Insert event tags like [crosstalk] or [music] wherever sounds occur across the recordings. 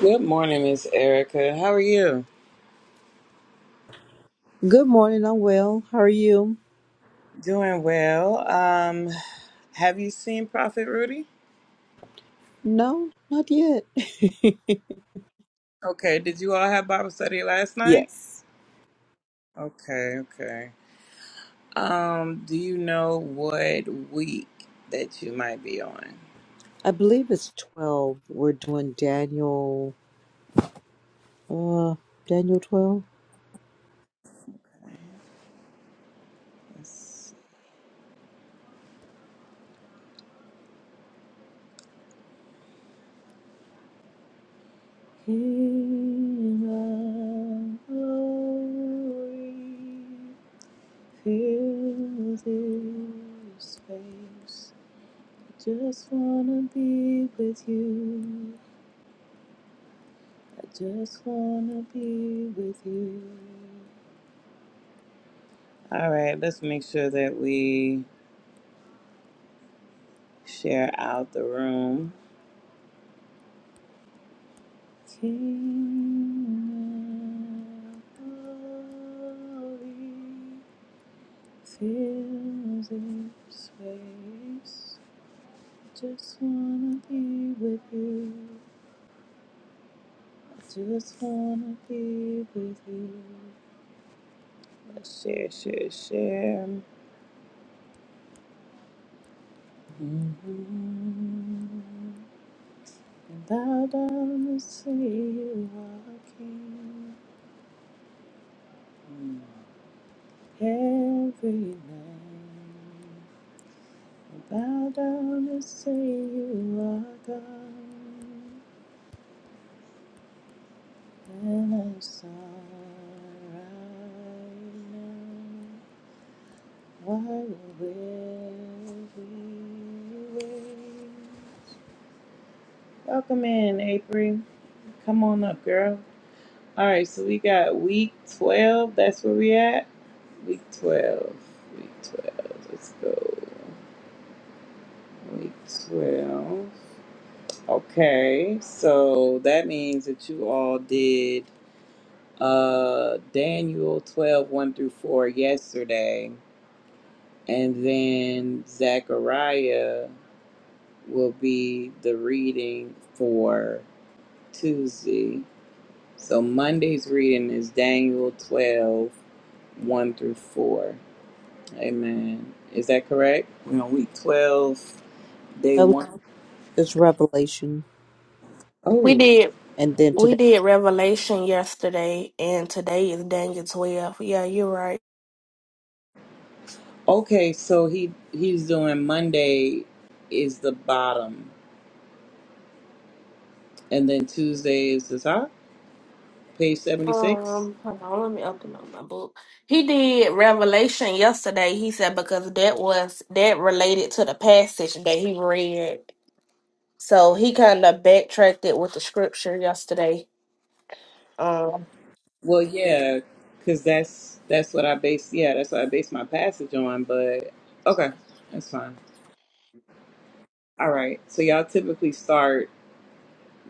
Good morning, Miss Erica. How are you? Good morning. I'm well. How are you? Doing well. Um, have you seen Prophet Rudy? No, not yet. [laughs] Okay. Did you all have Bible study last night? yes. Okay. Okay. Um, do you know what week that you might be on? I believe it's 12. We're doing Daniel, uh, Daniel 12. Let's see. Fill this space. Just wanna be with you. Just wanna be with you. All right, let's make sure that we share out the room. King of glory fills this space. Just wanna be with you. Just wanna be with you. Let's share, share, share. Mm-hmm. Thou dost see you walking every night. Bow down and say you are God, and I am sorry. now. Why will we wait? Welcome in, April. Come on up, girl. All right, so we got week 12. That's where we at. Week 12. Week 12. Let's go. Week 12. Okay. So that means that you all did uh Daniel twelve one through 4 yesterday. And then Zechariah will be the reading for Tuesday. So Monday's reading is Daniel twelve one through 4. Amen. Is that correct? We're on week 12. They Oh, want. it's Revelation. We Oh, did And then we today. did Revelation yesterday, and today is Daniel twelve. Yeah, you're right. okay. So he he's doing Monday is the bottom, and then Tuesday is the top. Page seventy six. Um, hold on, let me open up my book. He did Revelation yesterday. He said because that was that related to the passage that he read, so he kind of backtracked it with the scripture yesterday. Um, Well, yeah, because that's that's what I base. Yeah, that's what I base my passage on. But okay, that's fine. All right. So y'all typically start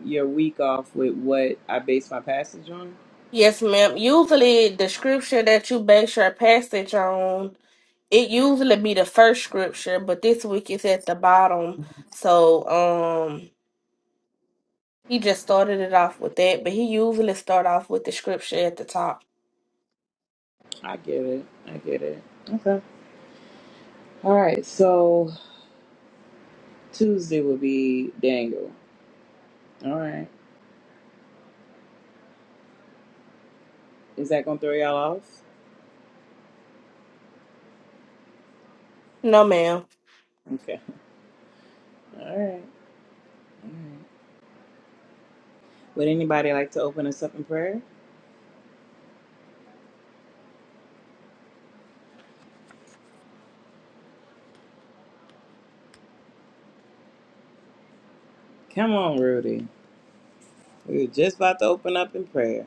your week off with what I base my passage on. yes, ma'am. Usually, the scripture that you base your passage on, it usually be the first scripture, but this week it's at the bottom. So, um. He just started it off with that, but he usually start off with the scripture at the top. I get it. I get it. Okay. All right. So Tuesday will be Daniel. All right. Is that gonna throw y'all off? No, ma'am. Okay. All right. All right. Would anybody like to open us up in prayer? Come on, Rudy. We were just about to open up in prayer.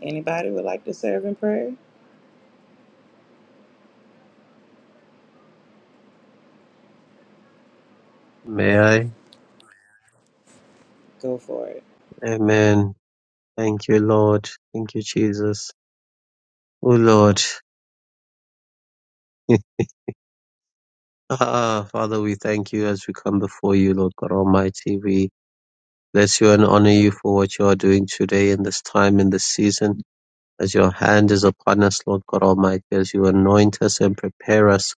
Anybody would like to serve in prayer? May I? Go for it. Amen. Thank you, Lord. Thank you, Jesus. Oh, Lord. [laughs] ah, Father, we thank you as we come before you, Lord God Almighty. We bless you and honor you for what you are doing today in this time, in this season, as your hand is upon us, Lord God Almighty, as you anoint us and prepare us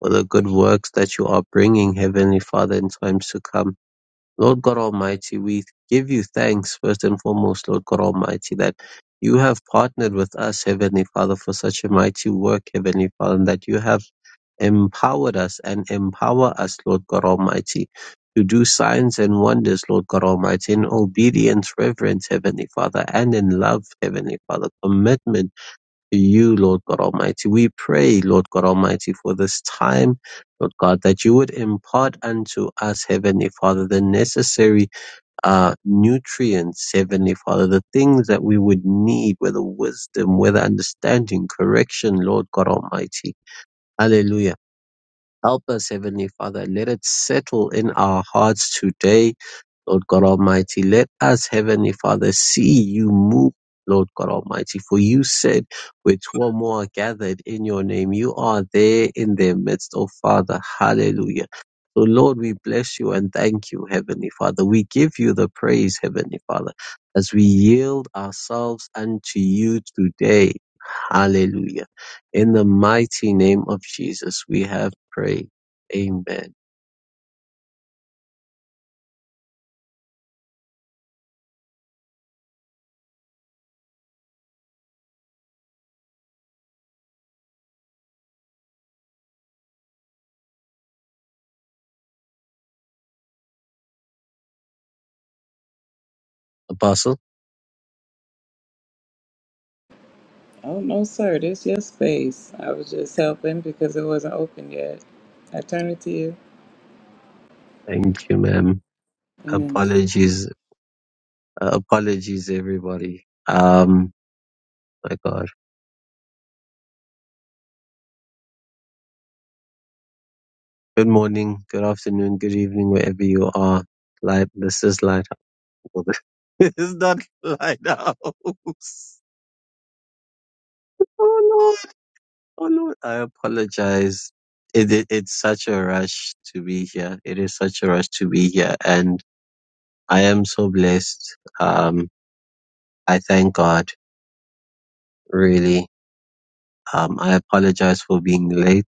for the good works that you are bringing, Heavenly Father, in times to come. Lord God Almighty, we give you thanks first and foremost, Lord God Almighty, that you have partnered with us, Heavenly Father, for such a mighty work, Heavenly Father, and that you have empowered us and empower us, Lord God Almighty, to do signs and wonders, Lord God Almighty, in obedience, reverence, Heavenly Father, and in love, Heavenly Father, commitment to you, Lord God Almighty. We pray, Lord God Almighty, for this time, Lord God, that you would impart unto us, Heavenly Father, the necessary uh, nutrients, Heavenly Father, the things that we would need, whether wisdom, whether understanding, correction, Lord God Almighty. Hallelujah. Help us, Heavenly Father. Let it settle in our hearts today Lord God Almighty, let us, Heavenly Father, see you move. Lord God Almighty, for you said, where two or more are gathered in your name, you are there in their midst, oh Father. Hallelujah. So, Lord, we bless you and thank you, Heavenly Father. We give you the praise, Heavenly Father, as we yield ourselves unto you today. Hallelujah. In the mighty name of Jesus, we have prayed. Amen. Apostle, Oh no, sir. This is your space. I was just helping because it wasn't open yet. I turn it to you. thank you, ma'am. Amen. Apologies Uh, apologies, everybody. Um, my God. Good morning, good afternoon, good evening, wherever you are. Light, this is Lighthouse. Well, [laughs] this is not Lighthouse. Oh Lord, oh Lord. I apologize. It, it, it's such a rush to be here. It is such a rush to be here. And I am so blessed. Um, I thank God, really. Um, I apologize for being late.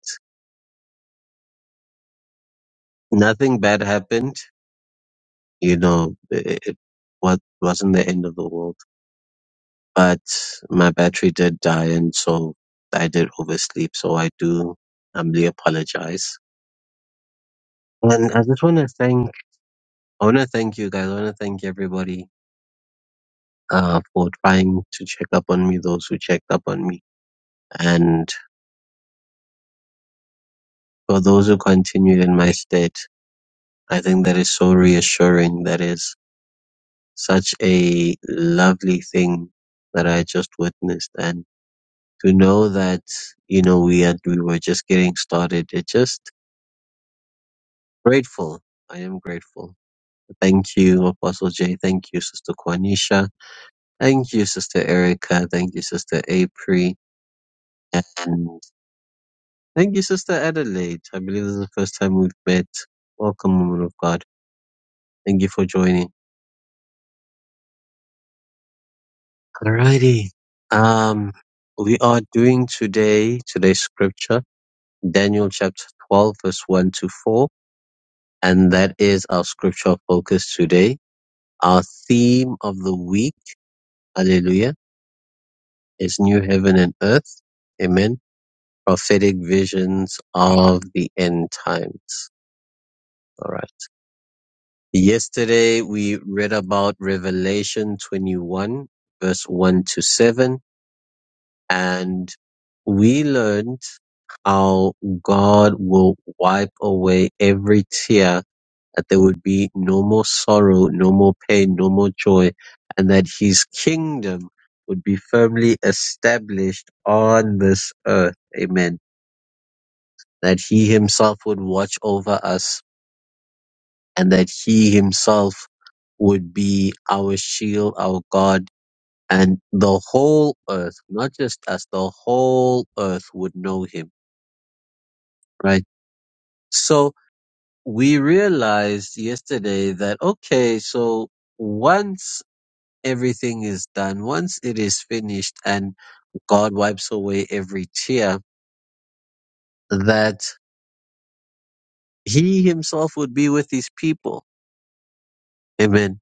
Nothing bad happened. you know, it, it wa- wasn't the end of the world. But my battery did die, and so I did oversleep. So I do humbly apologize. And I just want to thank, I want to thank you guys. I want to thank everybody uh, for trying to check up on me, those who checked up on me. And for those who continued in my state, I think that is so reassuring. That is such a lovely thing that I just witnessed. And to know that you know we had we were just getting started. It's just grateful. I am grateful. Thank you, Apostle Jay. Thank you, Sister Kwanisha. Thank you, Sister Erica. Thank you, Sister April. And thank you, Sister Adelaide. I believe this is the first time we've met. Welcome, woman of God. Thank you for joining. Alrighty. Um, we are doing today, today's scripture, Daniel chapter 12, verse 1 to 4 And that is our scripture focus today. Our theme of the week, hallelujah, is new heaven and earth. Amen. Prophetic visions of the end times. All right. Yesterday we read about Revelation 21 verse 1 to 7 and we learned how God will wipe away every tear that there would be no more sorrow, no more pain, no more joy, and that his kingdom would be firmly established on this earth. Amen. That he himself would watch over us and that he himself would be our shield, our God, and the whole earth, not just us, the whole earth would know him, right? So we realized yesterday that, okay, so once everything is done, once it is finished and God wipes away every tear, that He Himself would be with His people. Amen.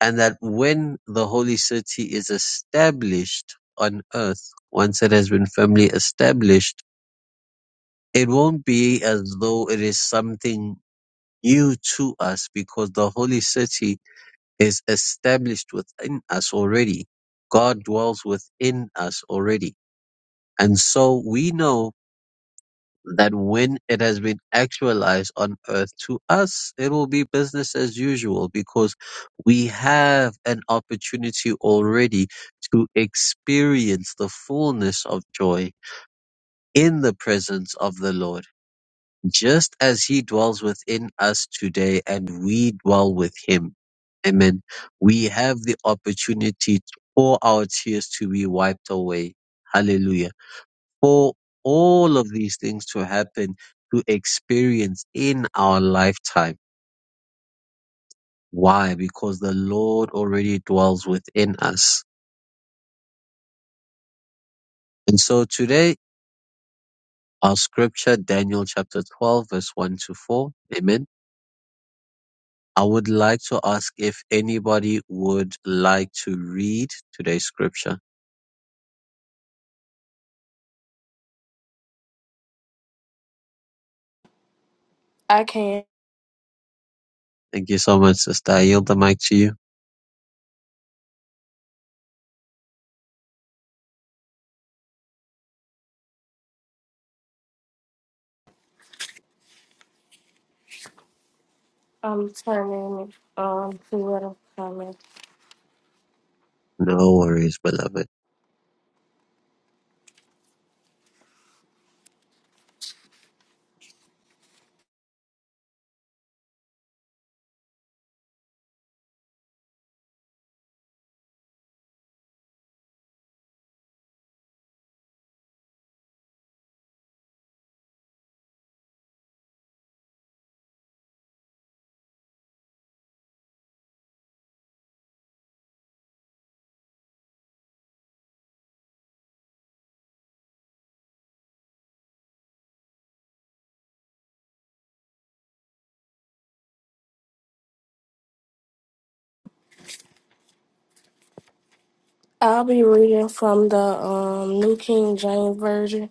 And that when the holy city is established on earth, once it has been firmly established, it won't be as though it is something new to us because the holy city is established within us already. God dwells within us already. And so we know that when it has been actualized on earth to us it will be business as usual because we have an opportunity already to experience the fullness of joy in the presence of the lord just as he dwells within us today and we dwell with him amen we have the opportunity for our tears to be wiped away hallelujah for all of these things to happen to experience in our lifetime. Why? Because the Lord already dwells within us. And so today, our scripture, Daniel chapter 12, verse 1 to 4. Amen. I would like to ask if anybody would like to read today's scripture. I can't. Thank you so much, sister. I yield the mic to you. I'm turning um to what I'm coming. No worries, beloved. I'll be reading from the um New King James Version,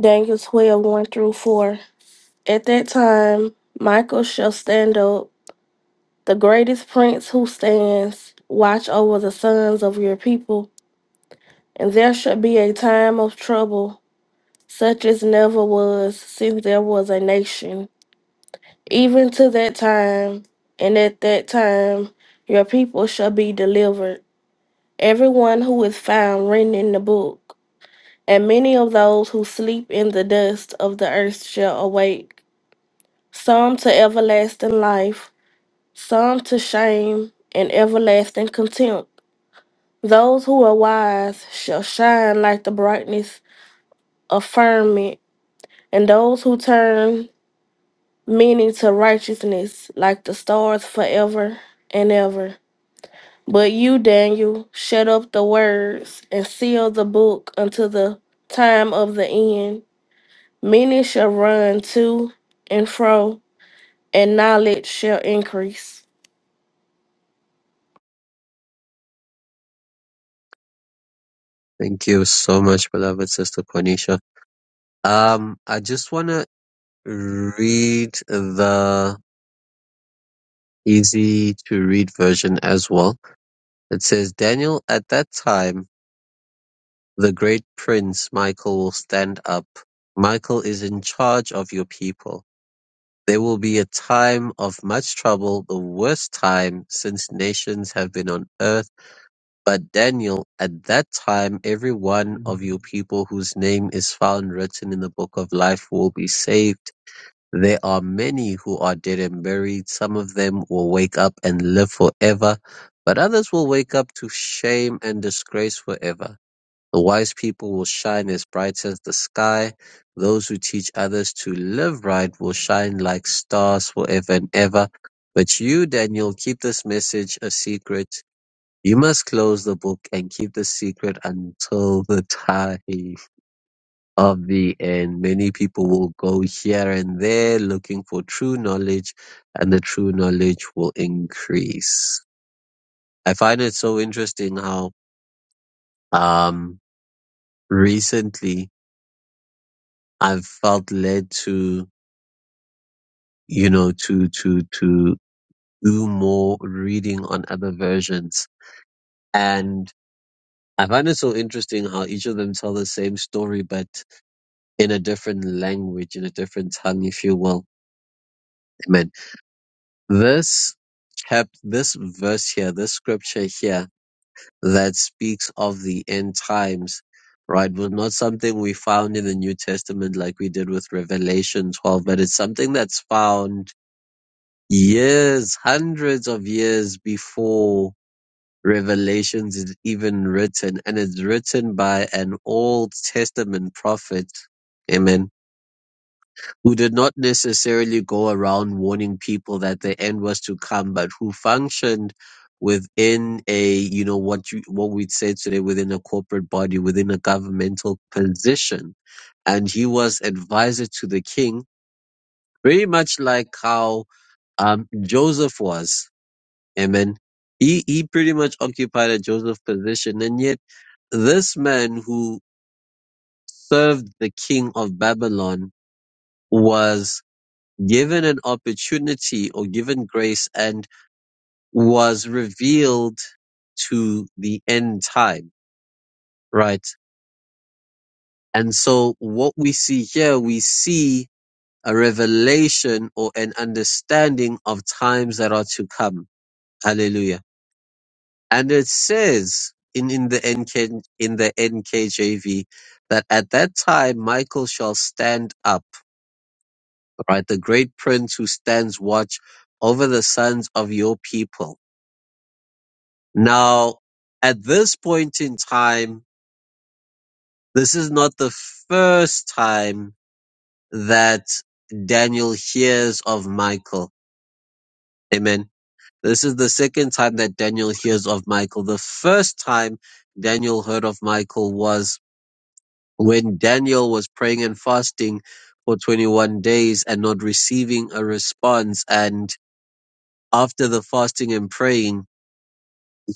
Daniel twelve one through 4. At that time, Michael shall stand up, the greatest prince who stands, watch over the sons of your people. And there shall be a time of trouble, such as never was since there was a nation Even to that time, and at that time, your people shall be delivered, everyone who is found written in the book. And many of those who sleep in the dust of the earth shall awake, some to everlasting life, some to shame and everlasting contempt. Those who are wise shall shine like the brightness of firmament, and those who turn meaning to righteousness like the stars forever and ever. But you, Daniel, shut up the words and seal the book until the time of the end. Many shall run to and fro, and knowledge shall increase. Thank you so much, beloved sister Cornisha. Um, I just wanna read the easy to read version as well. It says, Daniel, at that time, the great prince Michael will stand up. Michael is in charge of your people. There will be a time of much trouble, the worst time since nations have been on earth. But Daniel, at that time, every one of your people whose name is found written in the book of life will be saved There are many who are dead and buried. Some of them will wake up and live forever, but others will wake up to shame and disgrace forever. The wise people will shine as bright as the sky. Those who teach others to live right will shine like stars forever and ever. But you, Daniel, keep this message a secret. You must close the book and keep the secret until the time of thee, and many people will go here and there looking for true knowledge, and the true knowledge will increase. I find it so interesting how um, recently I've felt led to, you know, to to to do more reading on other versions, and I find it so interesting how each of them tell the same story, but in a different language, in a different tongue, if you will. Amen. This chap this verse here, this scripture here that speaks of the end times, right, was not something we found in the New Testament like we did with Revelation 12, but it's something that's found years, hundreds of years before Revelations is even written, and it's written by an Old Testament prophet. Amen who did not necessarily go around warning people that the end was to come, but who functioned within a, you know, what you, what we'd say today within a corporate body, within a governmental position. And he was advisor to the king, very much like how, um, Joseph was. Amen. He, he pretty much occupied a Joseph position. And yet this man who served the king of Babylon was given an opportunity or given grace and was revealed to the end time, right? And so what we see here, we see a revelation or an understanding of times that are to come. Hallelujah. And it says in, in the NK, in the NKJV that at that time Michael shall stand up, right? The great prince who stands watch over the sons of your people Now, at this point in time, this is not the first time that Daniel hears of Michael. Amen. This is the second time that Daniel hears of Michael. The first time Daniel heard of Michael was when Daniel was praying and fasting for 21 days and not receiving a response. And after the fasting and praying,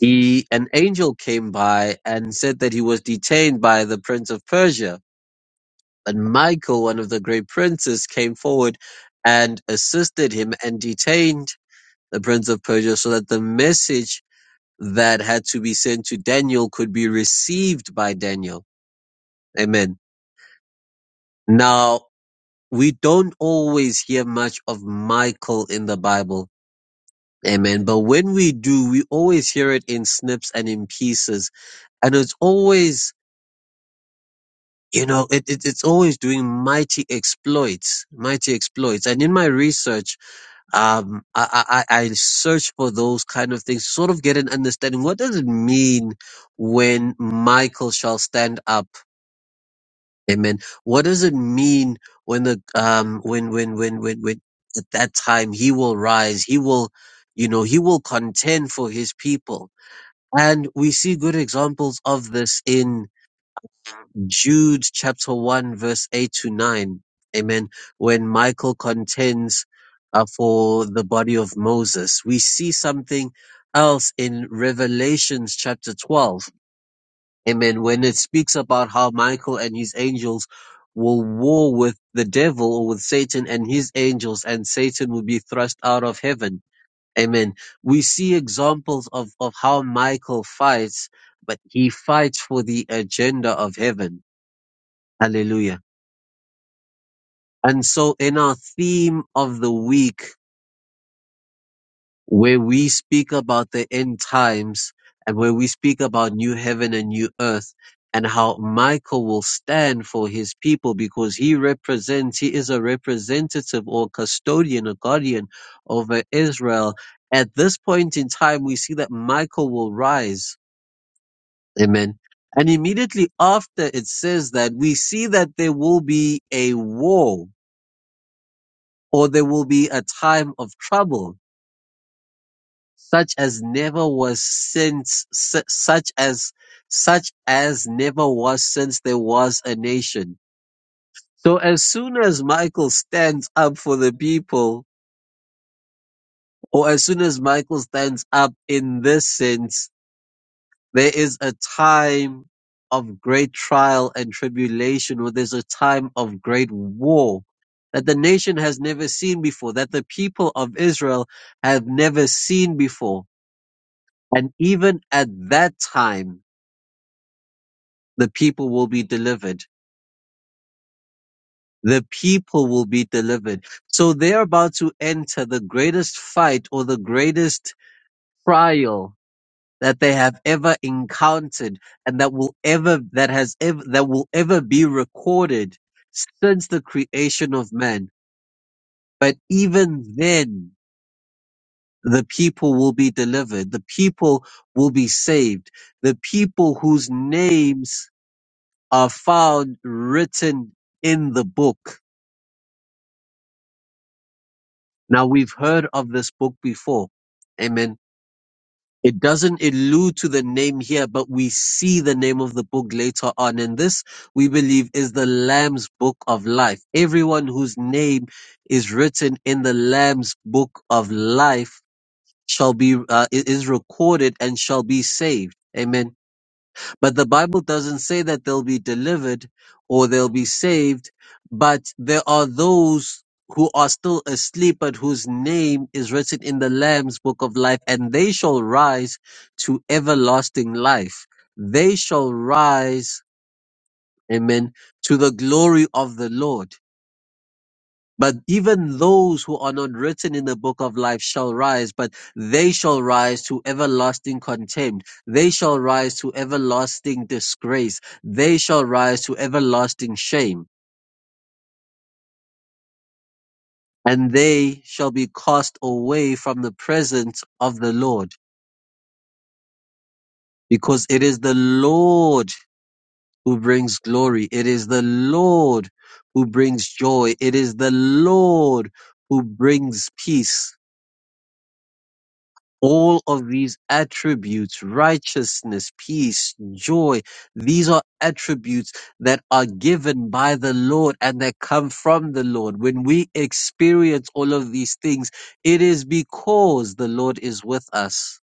he an angel came by and said that he was detained by the prince of persia But Michael, one of the great princes, came forward and assisted him and detained the prince of Persia so that the message that had to be sent to Daniel could be received by Daniel. Amen. Now, we don't always hear much of Michael in the Bible. Amen. But when we do, we always hear it in snips and in pieces. And it's always you know, it, it, it's always doing mighty exploits, mighty exploits. And in my research, um I, I i I search for those kind of things sort of get an understanding what does it mean when michael shall stand up amen what does it mean when the um when when when when, when at that time he will rise he will you know he will contend for his people and we see good examples of this in. Jude chapter 1 verse 8 to 9. Amen. When Michael contends uh, for the body of Moses, we see something else in Revelations chapter 12. Amen. When it speaks about how Michael and his angels will war with the devil or with Satan and his angels and Satan will be thrust out of heaven. Amen. We see examples of, of how Michael fights, but he fights for the agenda of heaven. Hallelujah. And so, in our theme of the week, where we speak about the end times and where we speak about new heaven and new earth, and how Michael will stand for his people because he represents, he is a representative or custodian, a guardian over Israel. At this point in time, we see that Michael will rise. Amen. And immediately after it says that, we see that there will be a war or there will be a time of trouble such as never was since su- such as such as never was since there was a nation. So as soon as Michael stands up for the people, or as soon as Michael stands up in this sense, there is a time of great trial and tribulation, or there's a time of great war that the nation has never seen before, that the people of Israel have never seen before. And even at that time, the people will be delivered. The people will be delivered. So they're about to enter the greatest fight or the greatest trial that they have ever encountered and that will ever, that has ever, that will ever be recorded since the creation of man. But even then, the people will be delivered. The people will be saved. The people whose names are found written in the book Now we've heard of this book before. Amen. It doesn't allude to the name here, but we see the name of the book later on. And this, we believe, is the Lamb's Book of Life. Everyone whose name is written in the Lamb's Book of Life shall be, uh, is recorded and shall be saved. Amen. But the Bible doesn't say that they'll be delivered or they'll be saved, but there are those who are still asleep, but whose name is written in the Lamb's book of life, and they shall rise to everlasting life. They shall rise, amen, to the glory of the Lord. But even those who are not written in the book of life shall rise, but they shall rise to everlasting contempt. They shall rise to everlasting disgrace. They shall rise to everlasting shame. And they shall be cast away from the presence of the Lord, because it is the Lord who brings glory. It is the Lord who brings joy. It is the Lord who brings peace. All of these attributes, righteousness, peace, joy, these are attributes that are given by the Lord and that come from the Lord. When we experience all of these things, it is because the Lord is with us.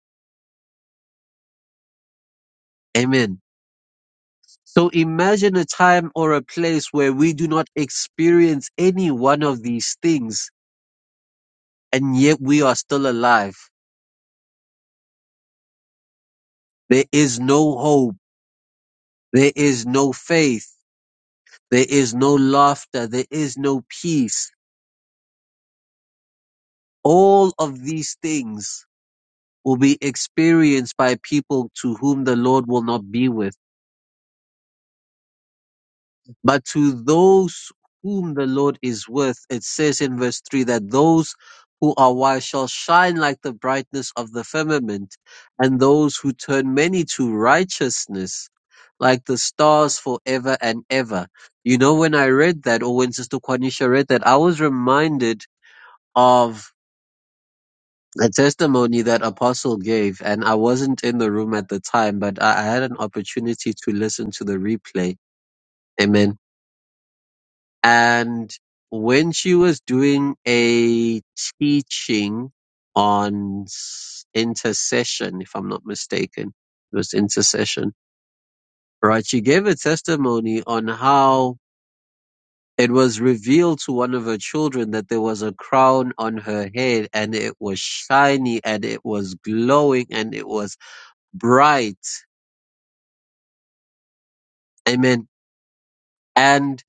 Amen. So imagine a time or a place where we do not experience any one of these things and yet we are still alive. There is no hope. There is no faith There is no laughter. There is no peace. All of these things will be experienced by people to whom the Lord will not be with. But to those whom the Lord is with, it says in verse 3 that those who are wise shall shine like the brightness of the firmament, and those who turn many to righteousness like the stars forever and ever. You know, when I read that, or when Sister Kwanisha read that, I was reminded of a testimony that Apostle gave, and I wasn't in the room at the time, but I, I had an opportunity to listen to the replay. Amen. And when she was doing a teaching on s- intercession, if I'm not mistaken, it was intercession, right? She gave a testimony on how it was revealed to one of her children that there was a crown on her head and it was shiny and it was glowing and it was bright. Amen. And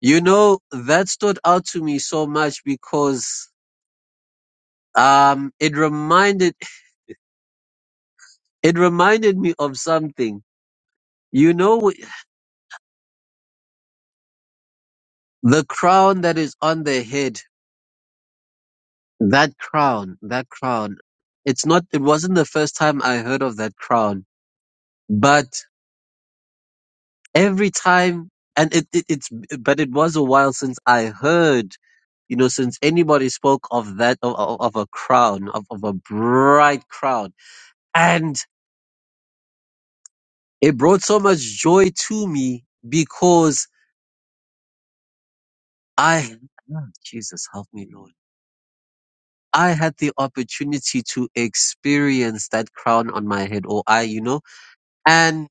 you know, that stood out to me so much because um it reminded it reminded me of something. You know the crown that is on their head, that crown, that crown. It's not it wasn't the first time I heard of that crown, but every time and it, it it's but it was a while since I heard you know, since anybody spoke of that of, of of a crown, of, of a bright crown And it brought so much joy to me because I, Ah, Jesus, help me, Lord. I had the opportunity to experience that crown on my head, or I, you know. And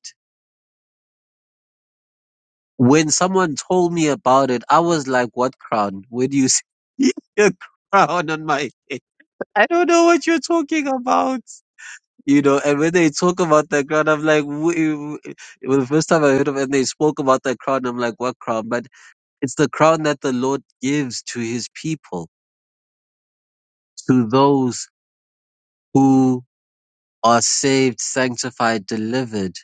when someone told me about it, I was like, What crown? Where do you see [laughs] a crown on my head? I don't know what you're talking about. You know, and when they talk about that crown, I'm like, "Wh- wh- well, the first time I heard of it and they spoke about that crown, I'm like, what crown? But It's the crown that the Lord gives to his people, to those who are saved, sanctified, delivered,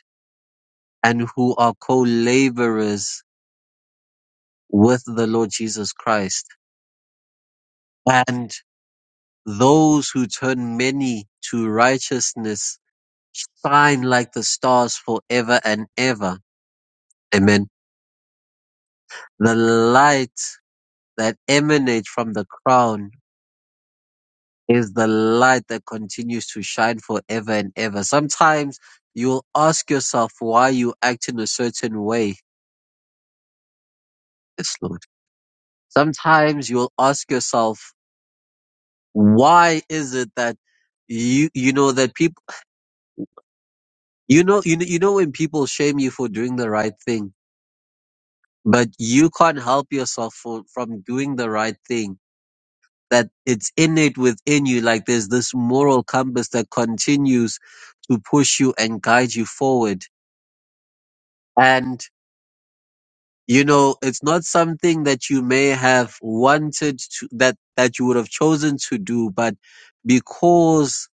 and who are co-laborers with the Lord Jesus Christ. And those who turn many to righteousness shine like the stars forever and ever. Amen. The light that emanates from the crown is the light that continues to shine forever and ever. Sometimes you'll ask yourself why you act in a certain way, yes, Lord. Sometimes you'll ask yourself, why is it that you, you know, that people, you know, you know, you know, when people shame you for doing the right thing, but you can't help yourself for, from doing the right thing, that it's innate within you, like there's this moral compass that continues to push you and guide you forward. and. You know, it's not something that you may have wanted to, that, that you would have chosen to do, but because,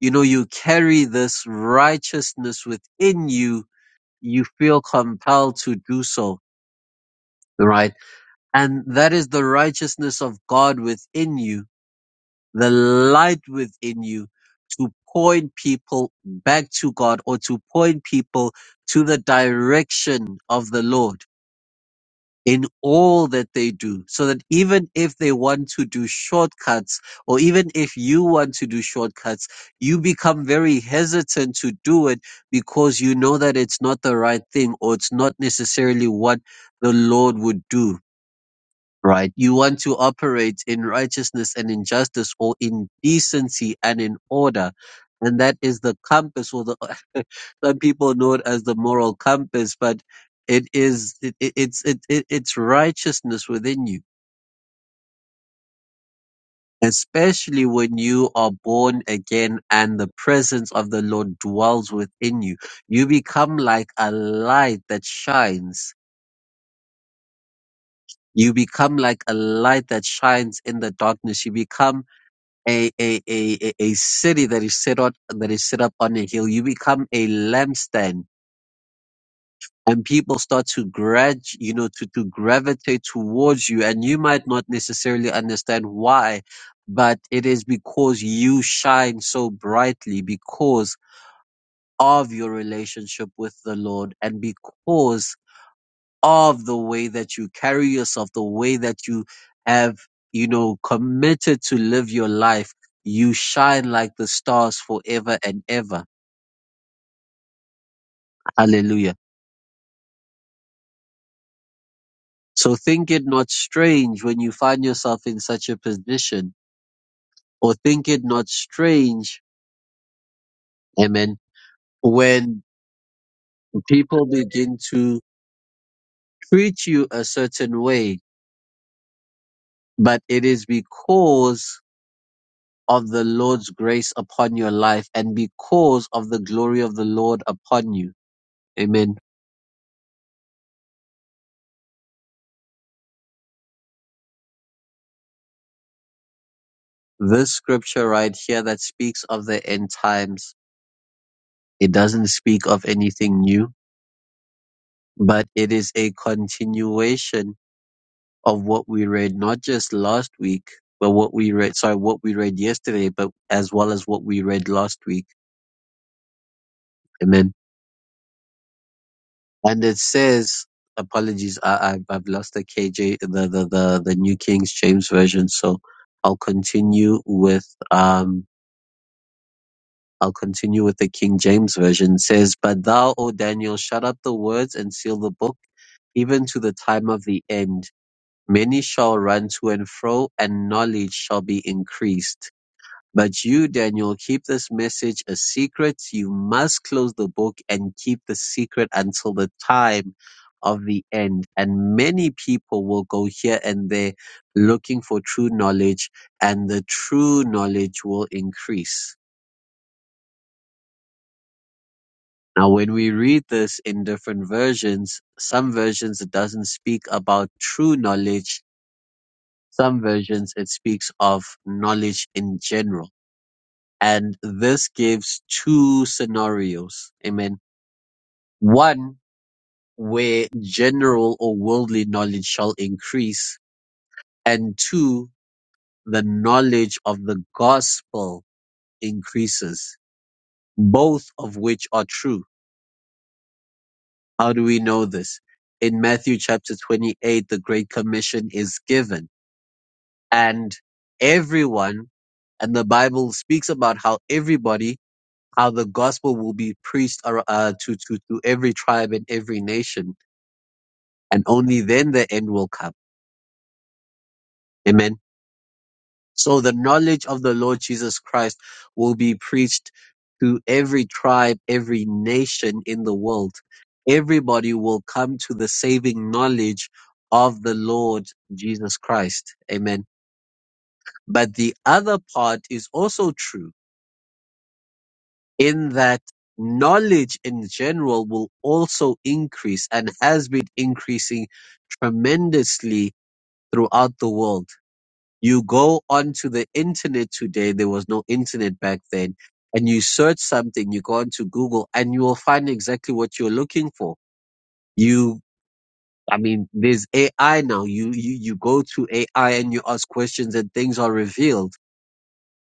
you know, you carry this righteousness within you, you feel compelled to do so, right? And that is the righteousness of God within you, the light within you to point people back to God or to point people to the direction of the Lord in all that they do. So that even if they want to do shortcuts, or even if you want to do shortcuts, you become very hesitant to do it because you know that it's not the right thing or it's not necessarily what the Lord would do right? You want to operate in righteousness and in justice or in decency and in order. And that is the compass or the, [laughs] some people know it as the moral compass, but it is, it, it, it's, it, it, it's righteousness within you, especially when you are born again and the presence of the Lord dwells within you. You become like a light that shines. You become like a light that shines in the darkness. You become a a, a, a a city that is set up that is set up on a hill. You become a lampstand, and people start to grad you know to to gravitate towards you, and you might not necessarily understand why, but it is because you shine so brightly because of your relationship with the Lord, and because of the way that you carry yourself, the way that you have, you know, committed to live your life, you shine like the stars forever and ever. Hallelujah. So think it not strange when you find yourself in such a position, or think it not strange, amen, when people begin to treat you a certain way, but it is because of the Lord's grace upon your life and because of the glory of the Lord upon you. Amen. This scripture right here that speaks of the end times, it doesn't speak of anything new, but it is a continuation of what we read, not just last week, but what we read, sorry, what we read yesterday, but as well as what we read last week. Amen. And it says, apologies, I, I, I've lost the KJ, the, the, the, the New King James Version. So I'll continue with, um." I'll continue with the King James Version. It says, But thou, O Daniel, shut up the words and seal the book, even to the time of the end. Many shall run to and fro, and knowledge shall be increased. But you, Daniel, keep this message a secret. You must close the book and keep the secret until the time of the end. And many people will go here and there looking for true knowledge, and the true knowledge will increase. Now, when we read this in different versions, some versions it doesn't speak about true knowledge. Some versions it speaks of knowledge in general. And this gives two scenarios. Amen. One, where general or worldly knowledge shall increase. And two, the knowledge of the gospel increases. Both of which are true How do we know this? In Matthew chapter 28, the Great Commission is given, and everyone, and the Bible speaks about how everybody, how the gospel will be preached ar- uh, to, to, to every tribe and every nation, and only then the end will come. Amen. So the knowledge of the Lord Jesus Christ will be preached to every tribe, every nation in the world. Everybody will come to the saving knowledge of the Lord Jesus Christ. Amen. But the other part is also true in that knowledge in general will also increase and has been increasing tremendously throughout the world You go onto the internet today, there was no internet back then, and you search something, you go onto Google and you will find exactly what you're looking for. You, I mean, there's AI now. You, you, you go to AI and you ask questions and things are revealed.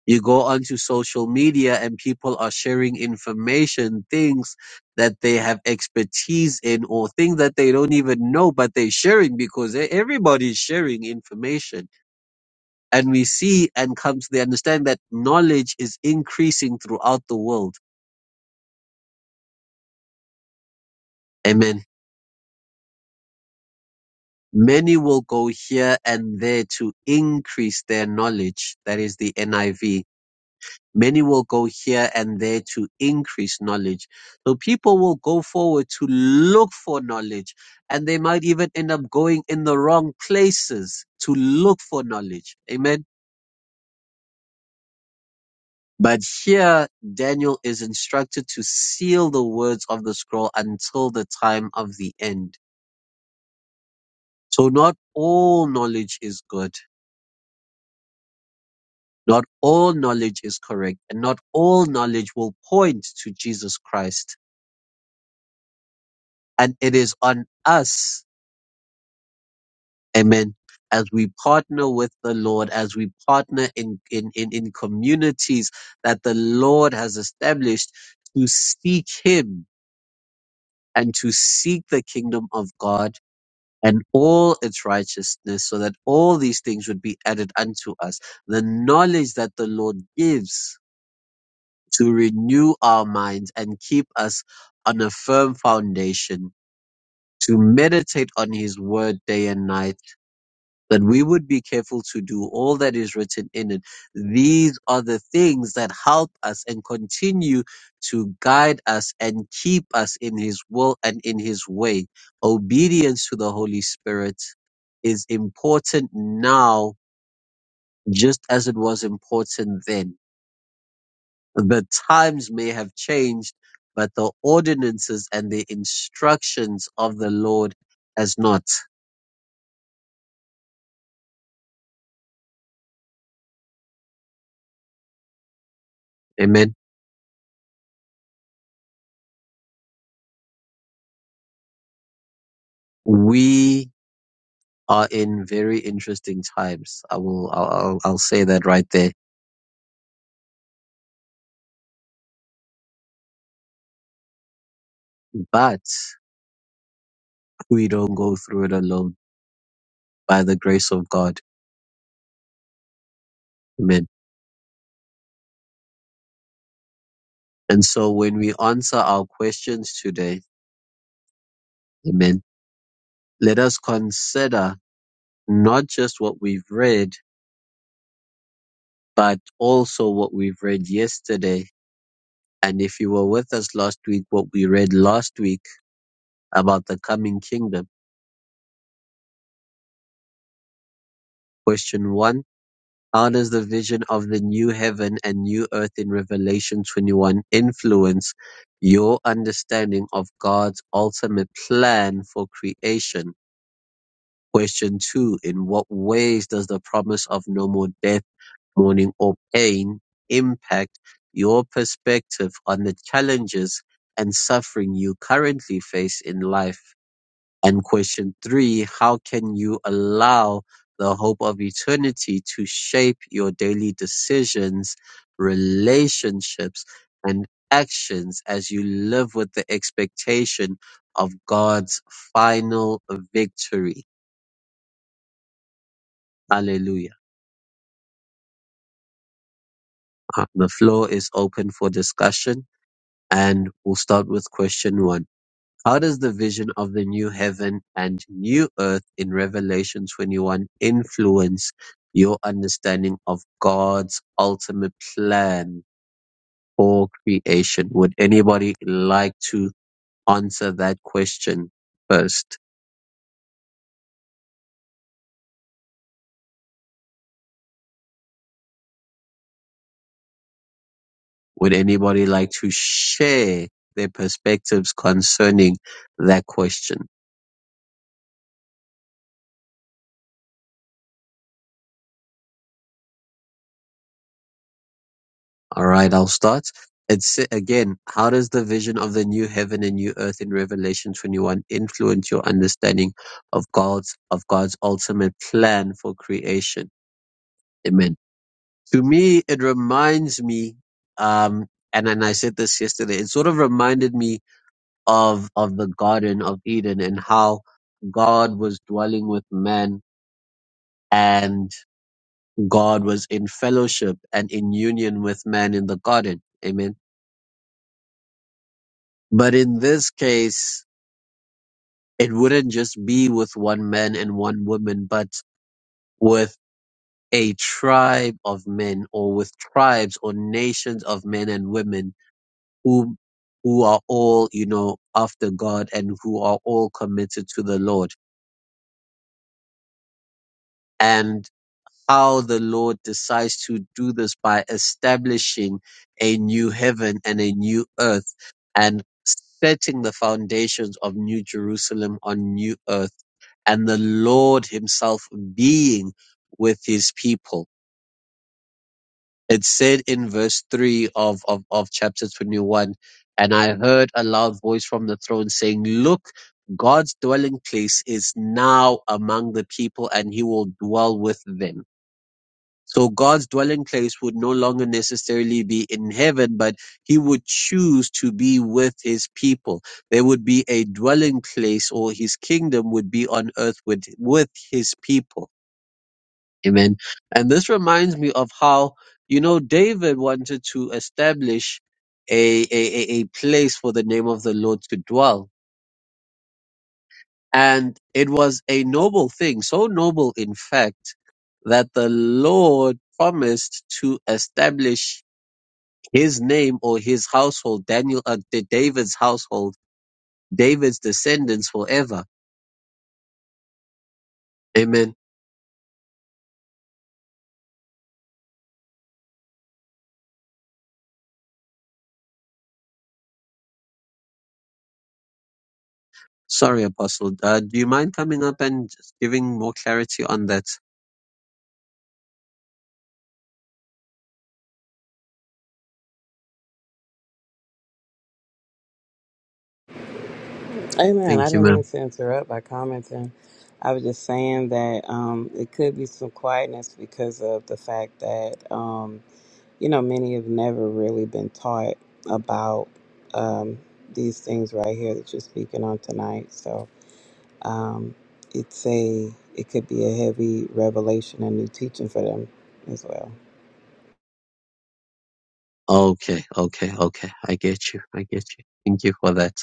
You go onto social media and people are sharing information, things that they have expertise in or things that they don't even know, but they're sharing because e- everybody's sharing information and we see and come to the understand that knowledge is increasing throughout the world. Amen. Many will go here and there to increase their knowledge. That is the NIV. Many will go here and there to increase knowledge. So people will go forward to look for knowledge and they might even end up going in the wrong places to look for knowledge. Amen But here Daniel is instructed to seal the words of the scroll until the time of the end. So not all knowledge is good. Not all knowledge is correct and not all knowledge will point to Jesus Christ. And it is on us, amen, as we partner with the Lord, as we partner in, in, in, in communities that the Lord has established to seek Him and to seek the kingdom of God and all its righteousness, so that all these things would be added unto us. The knowledge that the Lord gives to renew our minds and keep us on a firm foundation, to meditate on his word day and night that we would be careful to do all that is written in it. These are the things that help us and continue to guide us and keep us in His will and in His way. Obedience to the Holy Spirit is important now, just as it was important then. The times may have changed, but the ordinances and the instructions of the Lord has not. Amen. We are in very interesting times. I will, I'll, I'll, I'll say that right there. But we don't go through it alone by the grace of God. Amen. And so when we answer our questions today, amen, let us consider not just what we've read, but also what we've read yesterday. And if you were with us last week, what we read last week about the coming kingdom, question one honors the vision of the new heaven and new earth in Revelation 21 influence your understanding of God's ultimate plan for creation. Question 2. In what ways does the promise of no more death, mourning, or pain impact your perspective on the challenges and suffering you currently face in life? And question three, how can you allow the hope of eternity to shape your daily decisions, relationships, and actions as you live with the expectation of God's final victory? Hallelujah. Uh, The floor is open for discussion and we'll start with question one. How does the vision of the new heaven and new earth in Revelation 21 influence your understanding of God's ultimate plan for creation? Would anybody like to answer that question first? Would anybody like to share their perspectives concerning that question? All right, I'll start. It's again, how does the vision of the new heaven and new earth in Revelation 21 influence your understanding of God's of God's ultimate plan for creation? Amen. To me, it reminds me, um, and and I said this yesterday. It sort of reminded me of of the Garden of Eden and how God was dwelling with man, and God was in fellowship and in union with man in the garden. Amen But in this case, it wouldn't just be with one man and one woman, but with a tribe of men or with tribes or nations of men and women who who are all, you know, after God and who are all committed to the Lord. And how the Lord decides to do this by establishing a new heaven and a new earth and setting the foundations of New Jerusalem on new earth and the Lord himself being with his people. It said in verse 3 of, of, of chapter 21, and I heard a loud voice from the throne saying, Look, God's dwelling place is now among the people and he will dwell with them. So God's dwelling place would no longer necessarily be in heaven, but he would choose to be with his people. There would be a dwelling place or his kingdom would be on earth with, with his people Amen. And this reminds me of how, you know, David wanted to establish a, a, a a place for the name of the Lord to dwell. And it was a noble thing, so noble, in fact, that the Lord promised to establish his name or his household, Daniel, uh, Da- David's household, David's descendants forever. Amen. Sorry, Apostle. Uh, do you mind coming up and just giving more clarity on that? Amen. I Thank you, didn't ma'am. mean to interrupt by commenting. I was just saying that um, it could be some quietness because of the fact that, um, you know, many have never really been taught about um, these things right here that you're speaking on tonight. So um, it's a, it could be a heavy revelation and new teaching for them as well. Okay, okay, okay. I get you. I get you. Thank you for that.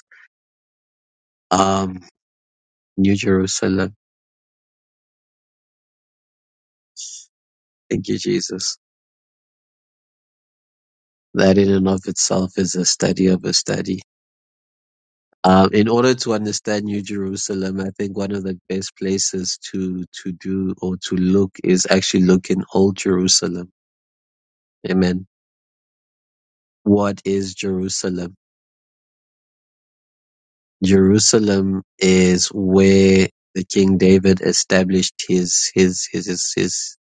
Um, New Jerusalem. Thank you, Jesus. That in and of itself is a study of a study. Um, in order to understand New Jerusalem, I think one of the best places to, to do or to look is actually look in Old Jerusalem. Amen. What is Jerusalem? Jerusalem is where the King David established his, his, his, his, his,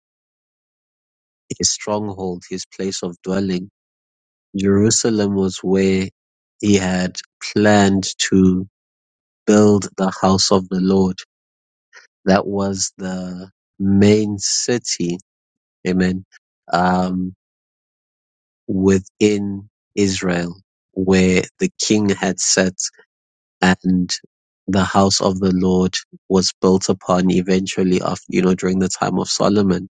his stronghold, his place of dwelling Jerusalem was where he had planned to build the house of the Lord. That was the main city, amen, um, within Israel where the king had set and the house of the Lord was built upon eventually after, you know, during the time of Solomon.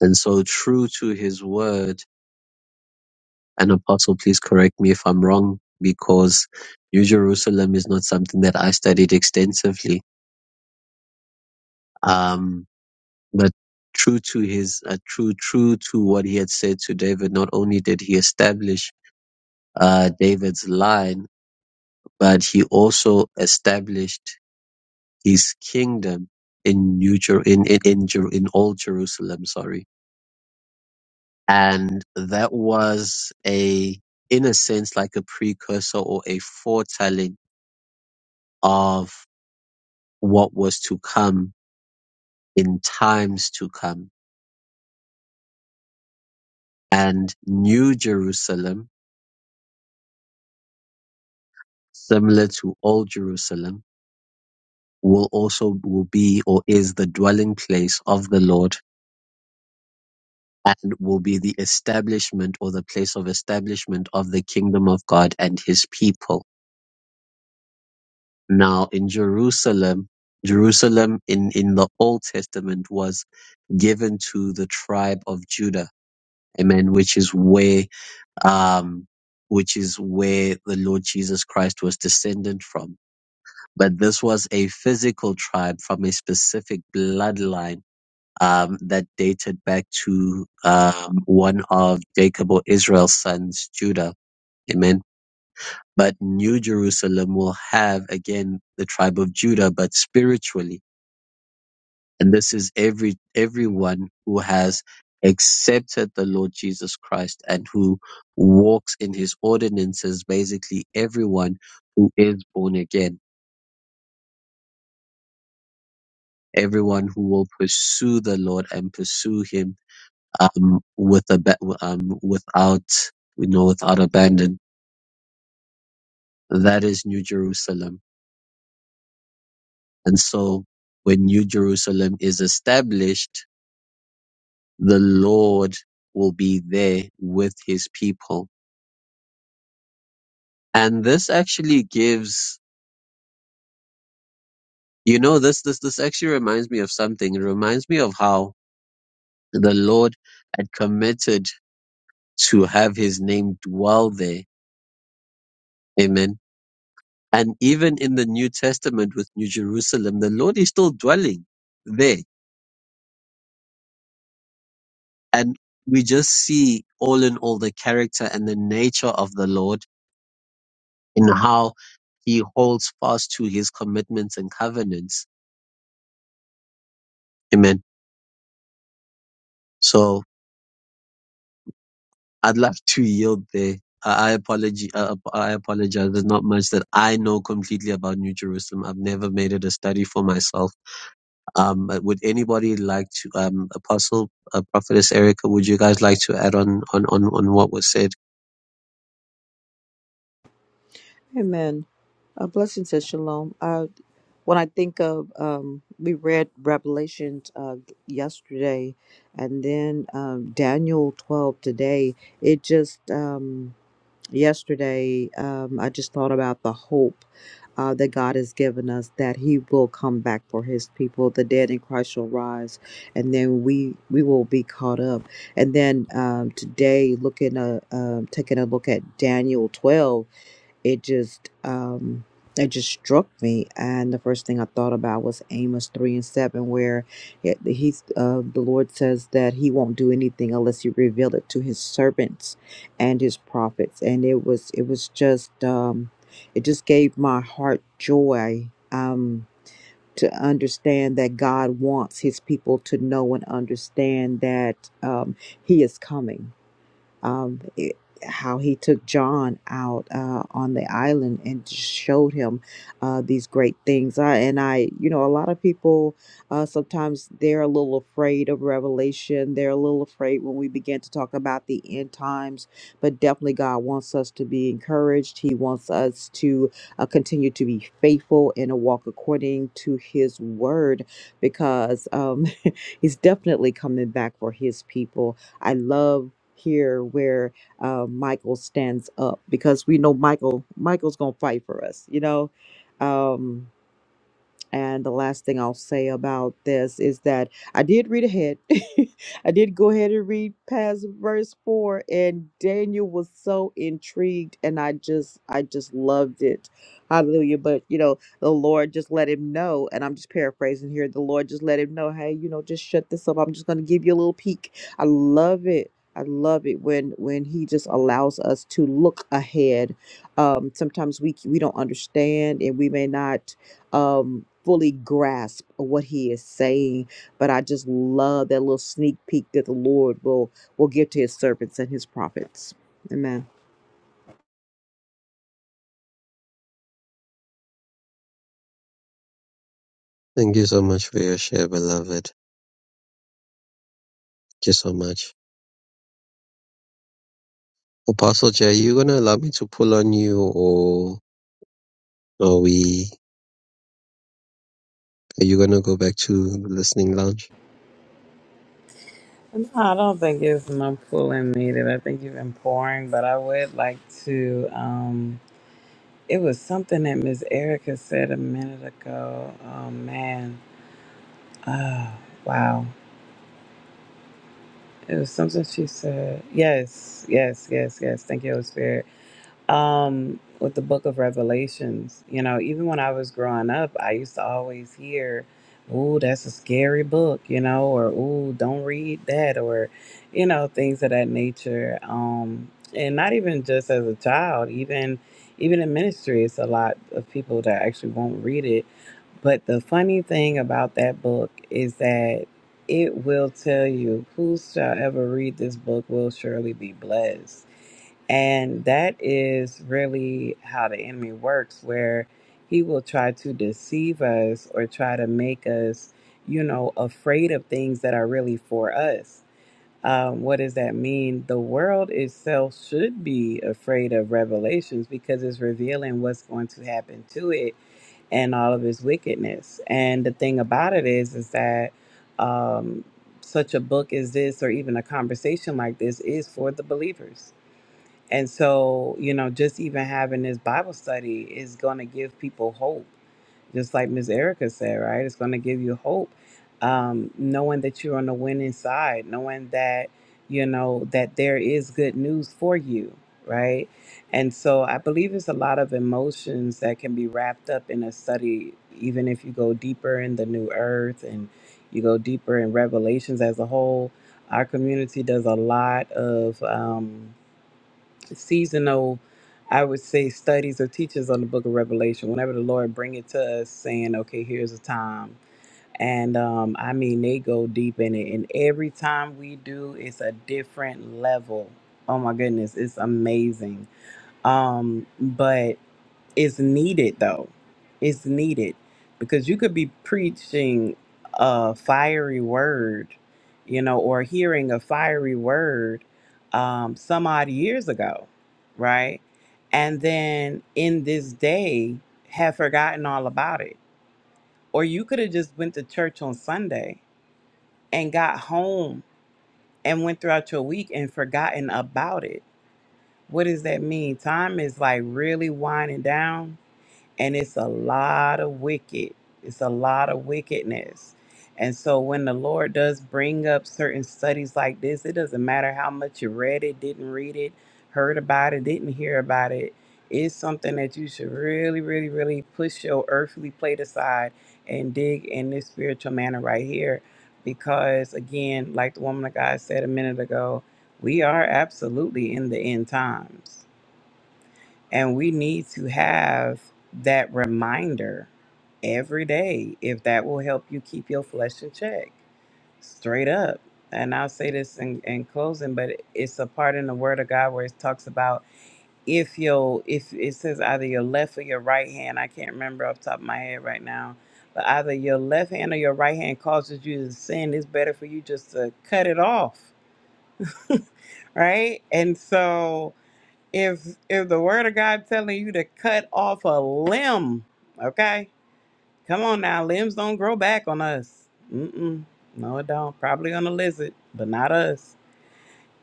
And so true to his word, an apostle, please correct me if I'm wrong, because New Jerusalem is not something that I studied extensively. Um, but true to his, uh, true, true to what he had said to David, not only did he establish uh, David's line, but he also established his kingdom in New Jer- in in in, Jer- in Old Jerusalem. Sorry, and that was a in a sense like a precursor or a foretelling of what was to come in times to come. And New Jerusalem, similar to Old Jerusalem, will also will be or is the dwelling place of the Lord and will be the establishment or the place of establishment of the kingdom of God and his people. Now in Jerusalem, Jerusalem in, in the Old Testament was given to the tribe of Judah. Amen. Which is where um, which is where the Lord Jesus Christ was descended from. But this was a physical tribe from a specific bloodline um, that dated back to um, one of Jacob or Israel's sons, Judah. Amen. But New Jerusalem will have again the tribe of Judah, but spiritually. And this is every everyone who has accepted the Lord Jesus Christ and who walks in his ordinances, basically everyone who is born again, everyone who will pursue the Lord and pursue him um, with a ba- um, without you know without abandon. That is New Jerusalem. And so when New Jerusalem is established, the Lord will be there with his people And this actually gives, you know, this, this, this actually reminds me of something. It reminds me of how the Lord had committed to have his name dwell there. Amen. And even in the New Testament with New Jerusalem, the Lord is still dwelling there. And we just see all in all the character and the nature of the Lord in how he holds fast to his commitments and covenants. Amen. So. I'd love to yield there. I I apology. I I apologize. There's not much that I know completely about New Jerusalem. I've never made it a study for myself. Um, but would anybody like to, um, Apostle, uh, Prophetess Erica, would you guys like to add on, on, on, on what was said? Amen. Uh, blessings and shalom. Uh, when I think of, um, we read Revelation uh, yesterday and then um, Daniel 12 today, it just, um, yesterday um, i just thought about the hope uh, that god has given us that he will come back for his people the dead in christ shall rise and then we we will be caught up and then um, today looking uh, um, taking a look at daniel 12 it just um it just struck me and the first thing i thought about was amos 3 and 7 where it, he's uh, the lord says that he won't do anything unless you reveal it to his servants and his prophets and it was it was just um it just gave my heart joy um to understand that god wants his people to know and understand that um he is coming um, it, how he took John out uh, on the island and just showed him uh, these great things. I, and I, you know, a lot of people uh, sometimes they're a little afraid of revelation. They're a little afraid when we begin to talk about the end times. But definitely, God wants us to be encouraged. He wants us to uh, continue to be faithful and to walk according to His word, because um, [laughs] He's definitely coming back for His people. I love here where uh, Michael stands up because we know Michael Michael's gonna fight for us, you know. Um, and the last thing I'll say about this is that I did read ahead. [laughs] I did go ahead and read past verse four, and Daniel was so intrigued, and I just, I just loved it. Hallelujah! But you know, the Lord just let him know, and I'm just paraphrasing here. The Lord just let him know, hey, you know, just shut this up. I'm just gonna give you a little peek. I love it. I love it when when He just allows us to look ahead. Um, sometimes we we don't understand, and we may not um, fully grasp what he is saying. But I just love that little sneak peek that the Lord will will give to his servants and his prophets. Amen. Thank you so much for your share, beloved. Thank you so much. Apostle Jay, are you going to allow me to pull on you or are we, are you going to go back to the listening lounge? No, I don't think it's no pulling needed. I think you've been pouring, but I would like to. Um, It was something that Miss Erica said a minute ago. Oh man. Oh wow. It was something she said. Yes, yes, yes, yes. Thank you, Holy Spirit. Um, with the book of Revelations, you know, even when I was growing up, I used to always hear, Ooh, that's a scary book, you know, or ooh, don't read that or, you know, things of that nature. Um, and not even just as a child, even even in ministry, it's a lot of people that actually won't read it But the funny thing about that book is that it will tell you, who shall ever read this book will surely be blessed. And that is really how the enemy works, where he will try to deceive us or try to make us, you know, afraid of things that are really for us. Um, what does that mean? The world itself should be afraid of revelations because it's revealing what's going to happen to it and all of his wickedness. And the thing about it is, is that um, such a book as this, or even a conversation like this, is for the believers. And so, you know, just even having this Bible study is going to give people hope just like Miss Erica said, right? It's going to give you hope, um, knowing that you're on the winning side, knowing that you know that there is good news for you, right? And so I believe there's a lot of emotions that can be wrapped up in a study, even if you go deeper in the New Earth and you go deeper in Revelations as a whole. Our community does a lot of. Um, seasonal, I would say, studies or teachers on the book of Revelation. Whenever the Lord bring it to us saying, okay, here's a time. And um, I mean, they go deep in it. And every time we do, it's a different level. Oh my goodness, it's amazing. Um, but it's needed though. It's needed because you could be preaching a fiery word, you know, or hearing a fiery word um, some odd years ago, right? And then in this day, have forgotten all about it. Or you could have just went to church on Sunday and got home and went throughout your week and forgotten about it. What does that mean? Time is like really winding down and it's a lot of wicked it's a lot of wickedness and so when the lord does bring up certain studies like this it doesn't matter how much you read it didn't read it heard about it didn't hear about it it's something that you should really really really push your earthly plate aside and dig in this spiritual manner right here because again like the woman of god said a minute ago we are absolutely in the end times and we need to have that reminder every day if that will help you keep your flesh in check. Straight up. And I'll say this in, in closing, but it's a part in the word of God where it talks about if your if it says either your left or your right hand, I can't remember off the top of my head right now, but either your left hand or your right hand causes you to sin, it's better for you just to cut it off [laughs] right? And so if if the word of God telling you to cut off a limb, okay? Come on now, limbs don't grow back on us. Mm-mm. No, it don't. Probably on a lizard, but not us.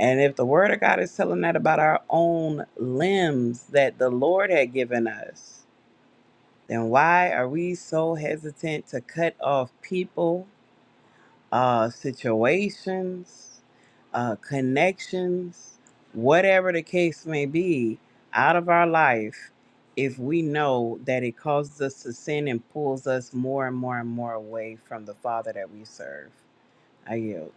And if the word of God is telling that about our own limbs that the Lord had given us, then why are we so hesitant to cut off people uh, situations, uh, connections, whatever the case may be, out of our life if we know that it causes us to sin and pulls us more and more and more away from the Father that we serve. I yield.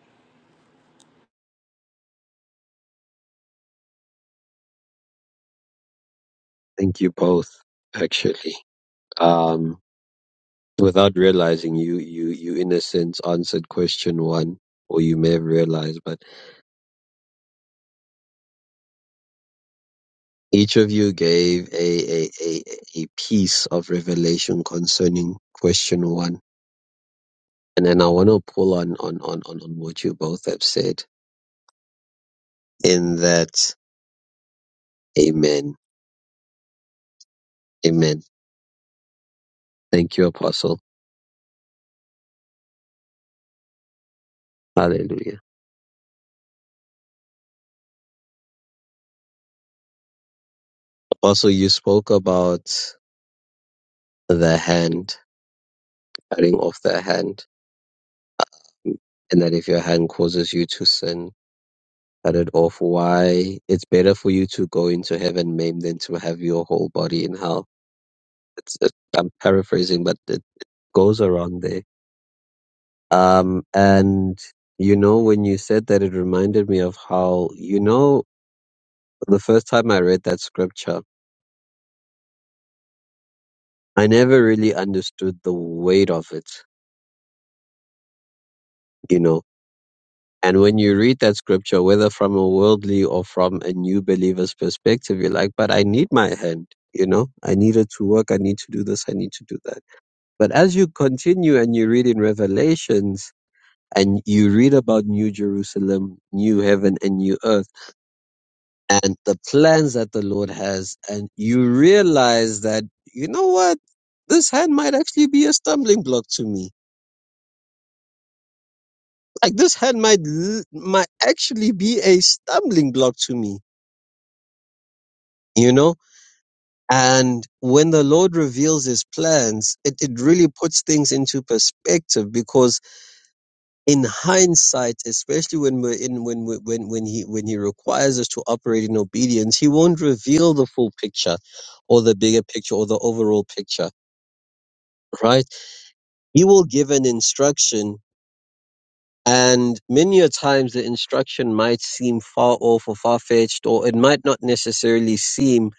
Thank you both, actually. Um. without realizing you you you in a sense answered question one or you may have realized but each of you gave a a a, a piece of revelation concerning question one and then i want to pull on on on on on what you both have said in that amen amen thank you apostle hallelujah apostle you spoke about the hand cutting off the hand and that if your hand causes you to sin started off why it's better for you to go into heaven maimed than to have your whole body in hell. It's, it, I'm paraphrasing, but it goes around there. Um, and you know, when you said that, it reminded me of how you know the first time I read that scripture, I never really understood the weight of it. You know. And when you read that scripture, whether from a worldly or from a new believer's perspective, you're like, but I need my hand, you know, I need it to work. I need to do this. I need to do that But as you continue and you read in Revelations and you read about New Jerusalem, New Heaven, and New Earth, and the plans that the Lord has, and you realize that, you know what? This hand might actually be a stumbling block to me. Like this hand might, l- might actually be a stumbling block to me, you know? And when the Lord reveals his plans, it, it really puts things into perspective because in hindsight, especially when we're in when we- when when he when he requires us to operate in obedience, he won't reveal the full picture, or the bigger picture, or the overall picture. Right? He will give an instruction, and many a times the instruction might seem far off or far fetched, or it might not necessarily seem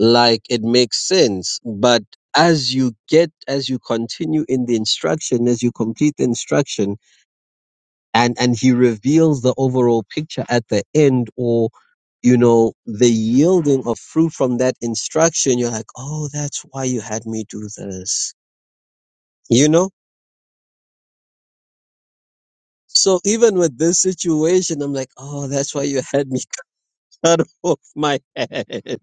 like it makes sense, but as you get as you continue in the instruction as you complete the instruction and and he reveals the overall picture at the end or you know the yielding of fruit from that instruction you're like oh that's why you had me do this you know so even with this situation i'm like oh that's why you had me [laughs] cut off my head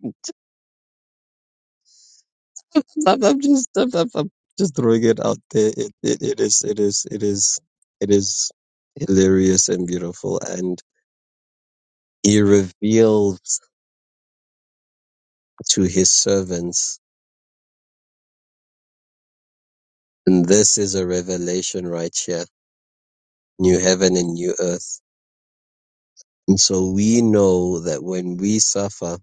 i'm, I'm just I'm, I'm, I'm just throwing it out there it, it, it is it is it is it is hilarious and beautiful and he reveals to his servants And this is a revelation right here new heaven and new earth. And so we know that when we suffer,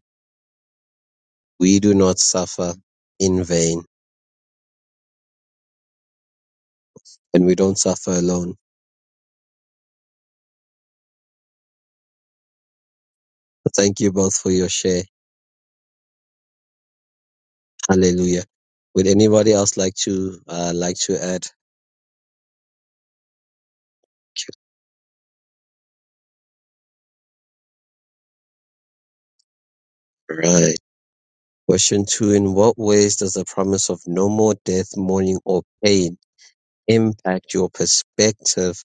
we do not suffer in vain and we don't suffer alone. So Thank you both for your share. Hallelujah. Would anybody else like to uh, like to add? Right. Question two: In what ways does the promise of no more death, mourning, or pain impact your perspective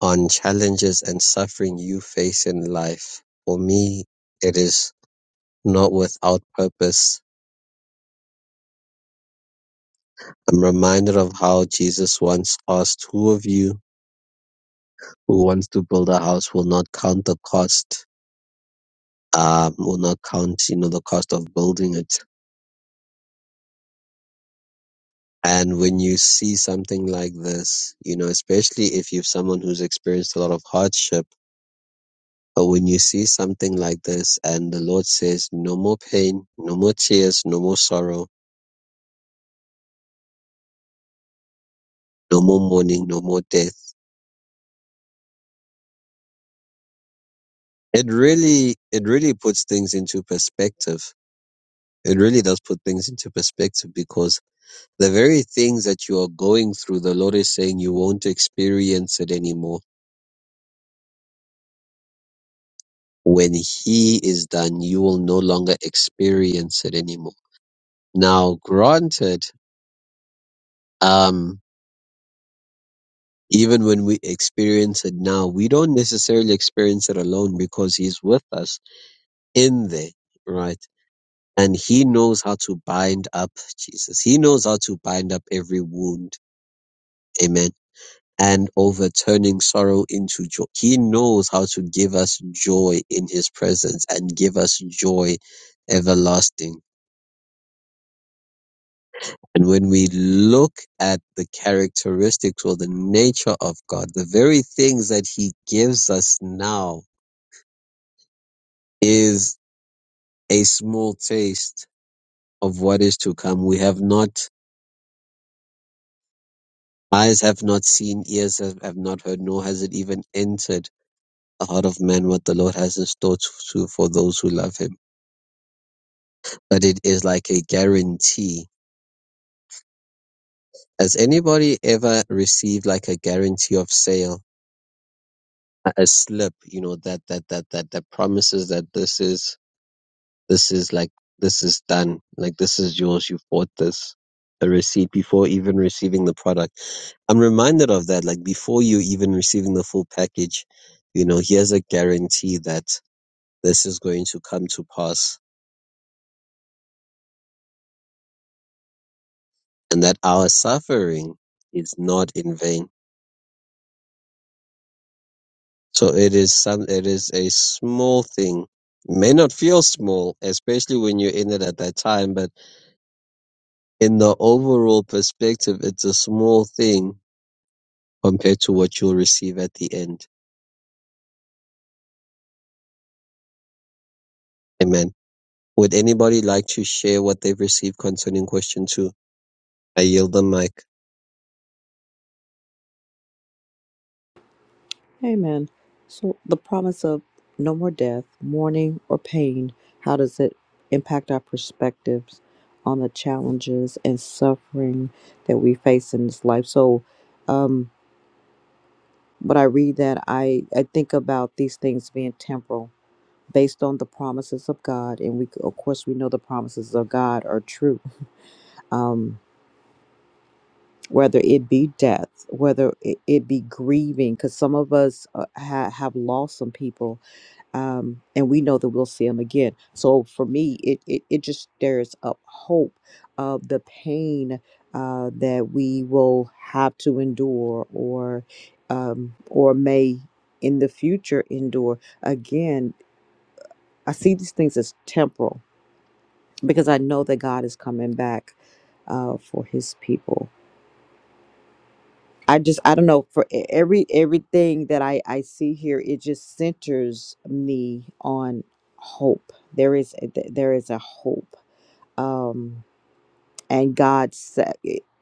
on challenges and suffering you face in life. For me, it is not without purpose. I'm reminded of how Jesus once asked, Who of you who wants to build a house will not count the cost, um, will not count, you know, the cost of building it. And when you see something like this, you know, especially if you're someone who's experienced a lot of hardship, But when you see something like this and the Lord says, no more pain, no more tears, no more sorrow, no more mourning, no more death, it really, it really puts things into perspective. It really does put things into perspective because the very things that you are going through, the Lord is saying you won't experience it anymore. When He is done, you will no longer experience it anymore. Now, granted, um, Even when we experience it now, we don't necessarily experience it alone because He's with us in there, right? And He knows how to bind up Jesus. He knows how to bind up every wound. Amen. And overturning sorrow into joy. He knows how to give us joy in His presence and give us joy everlasting. And when we look at the characteristics or the nature of God, the very things that He gives us now is a small taste of what is to come. We have not, eyes have not seen, ears have, have not heard, nor has it even entered the heart of man what the Lord has in store to, to- for those who love him. But it is like a guarantee. Has anybody ever received like a guarantee of sale? A a slip, you know, that, that, that, that, that promises that this is This is like this is done. Like this is yours. You bought this. A receipt before even receiving the product. I'm reminded of that. Like before you even receiving the full package, you know, here's a guarantee that this is going to come to pass and that our suffering is not in vain. So it is some, it is a small thing. It May not feel small, especially when you're in it at that time, but in the overall perspective, it's a small thing compared to what you'll receive at the end. Amen. Would anybody like to share what they've received concerning question two? I yield the mic. Amen. So the promise of no more death, mourning, or pain, how does it impact our perspectives on the challenges and suffering that we face in this life? So um when I read that I, I think about these things being temporal based on the promises of God and we of course we know the promises of God are true. Um whether it be death, whether it, it be grieving, because some of us uh, ha- have lost some people um, and we know that we'll see him again. So for me, it it, it just stirs up hope of the pain uh, that we will have to endure, or um, or may in the future endure. Again, I see these things as temporal because I know that God is coming back uh, for His people I just I don't know for e- every everything that I I see here it just centers me on hope. There is a- th- there is a hope. Um and God said,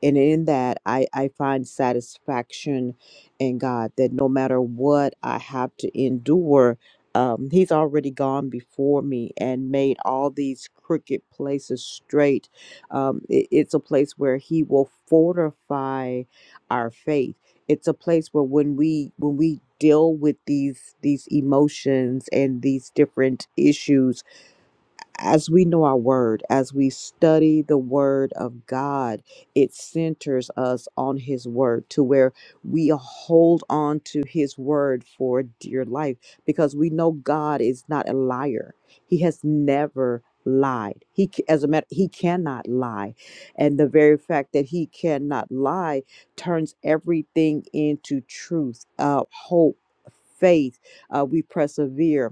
and in that I, I find satisfaction in God that no matter what I have to endure, um, He's already gone before me and made all these crooked places straight. Um, it- it's a place where He will fortify our faith. It's a place where when we when we deal with these these emotions and these different issues as we know our word, as we study the word of God, it centers us on his word to where we hold on to his word for dear life because we know God is not a liar. He has never lied. He c- as a matter he cannot lie. And the very fact that he cannot lie turns everything into truth, uh hope, faith. Uh, we persevere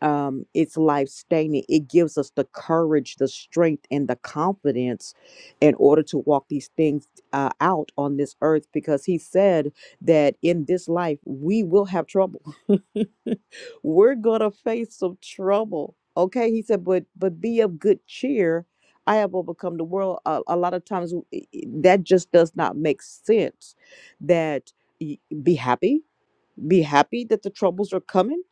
um, it's life sustaining. It gives us the courage, the strength, and the confidence in order to walk these things uh, out on this earth because he said that in this life we will have trouble. [laughs] We're going to face some trouble. Okay. He said, but, but be of good cheer. I have overcome the world. A, a lot of times w- i- i- that just does not make sense that y- be happy be happy that the troubles are coming.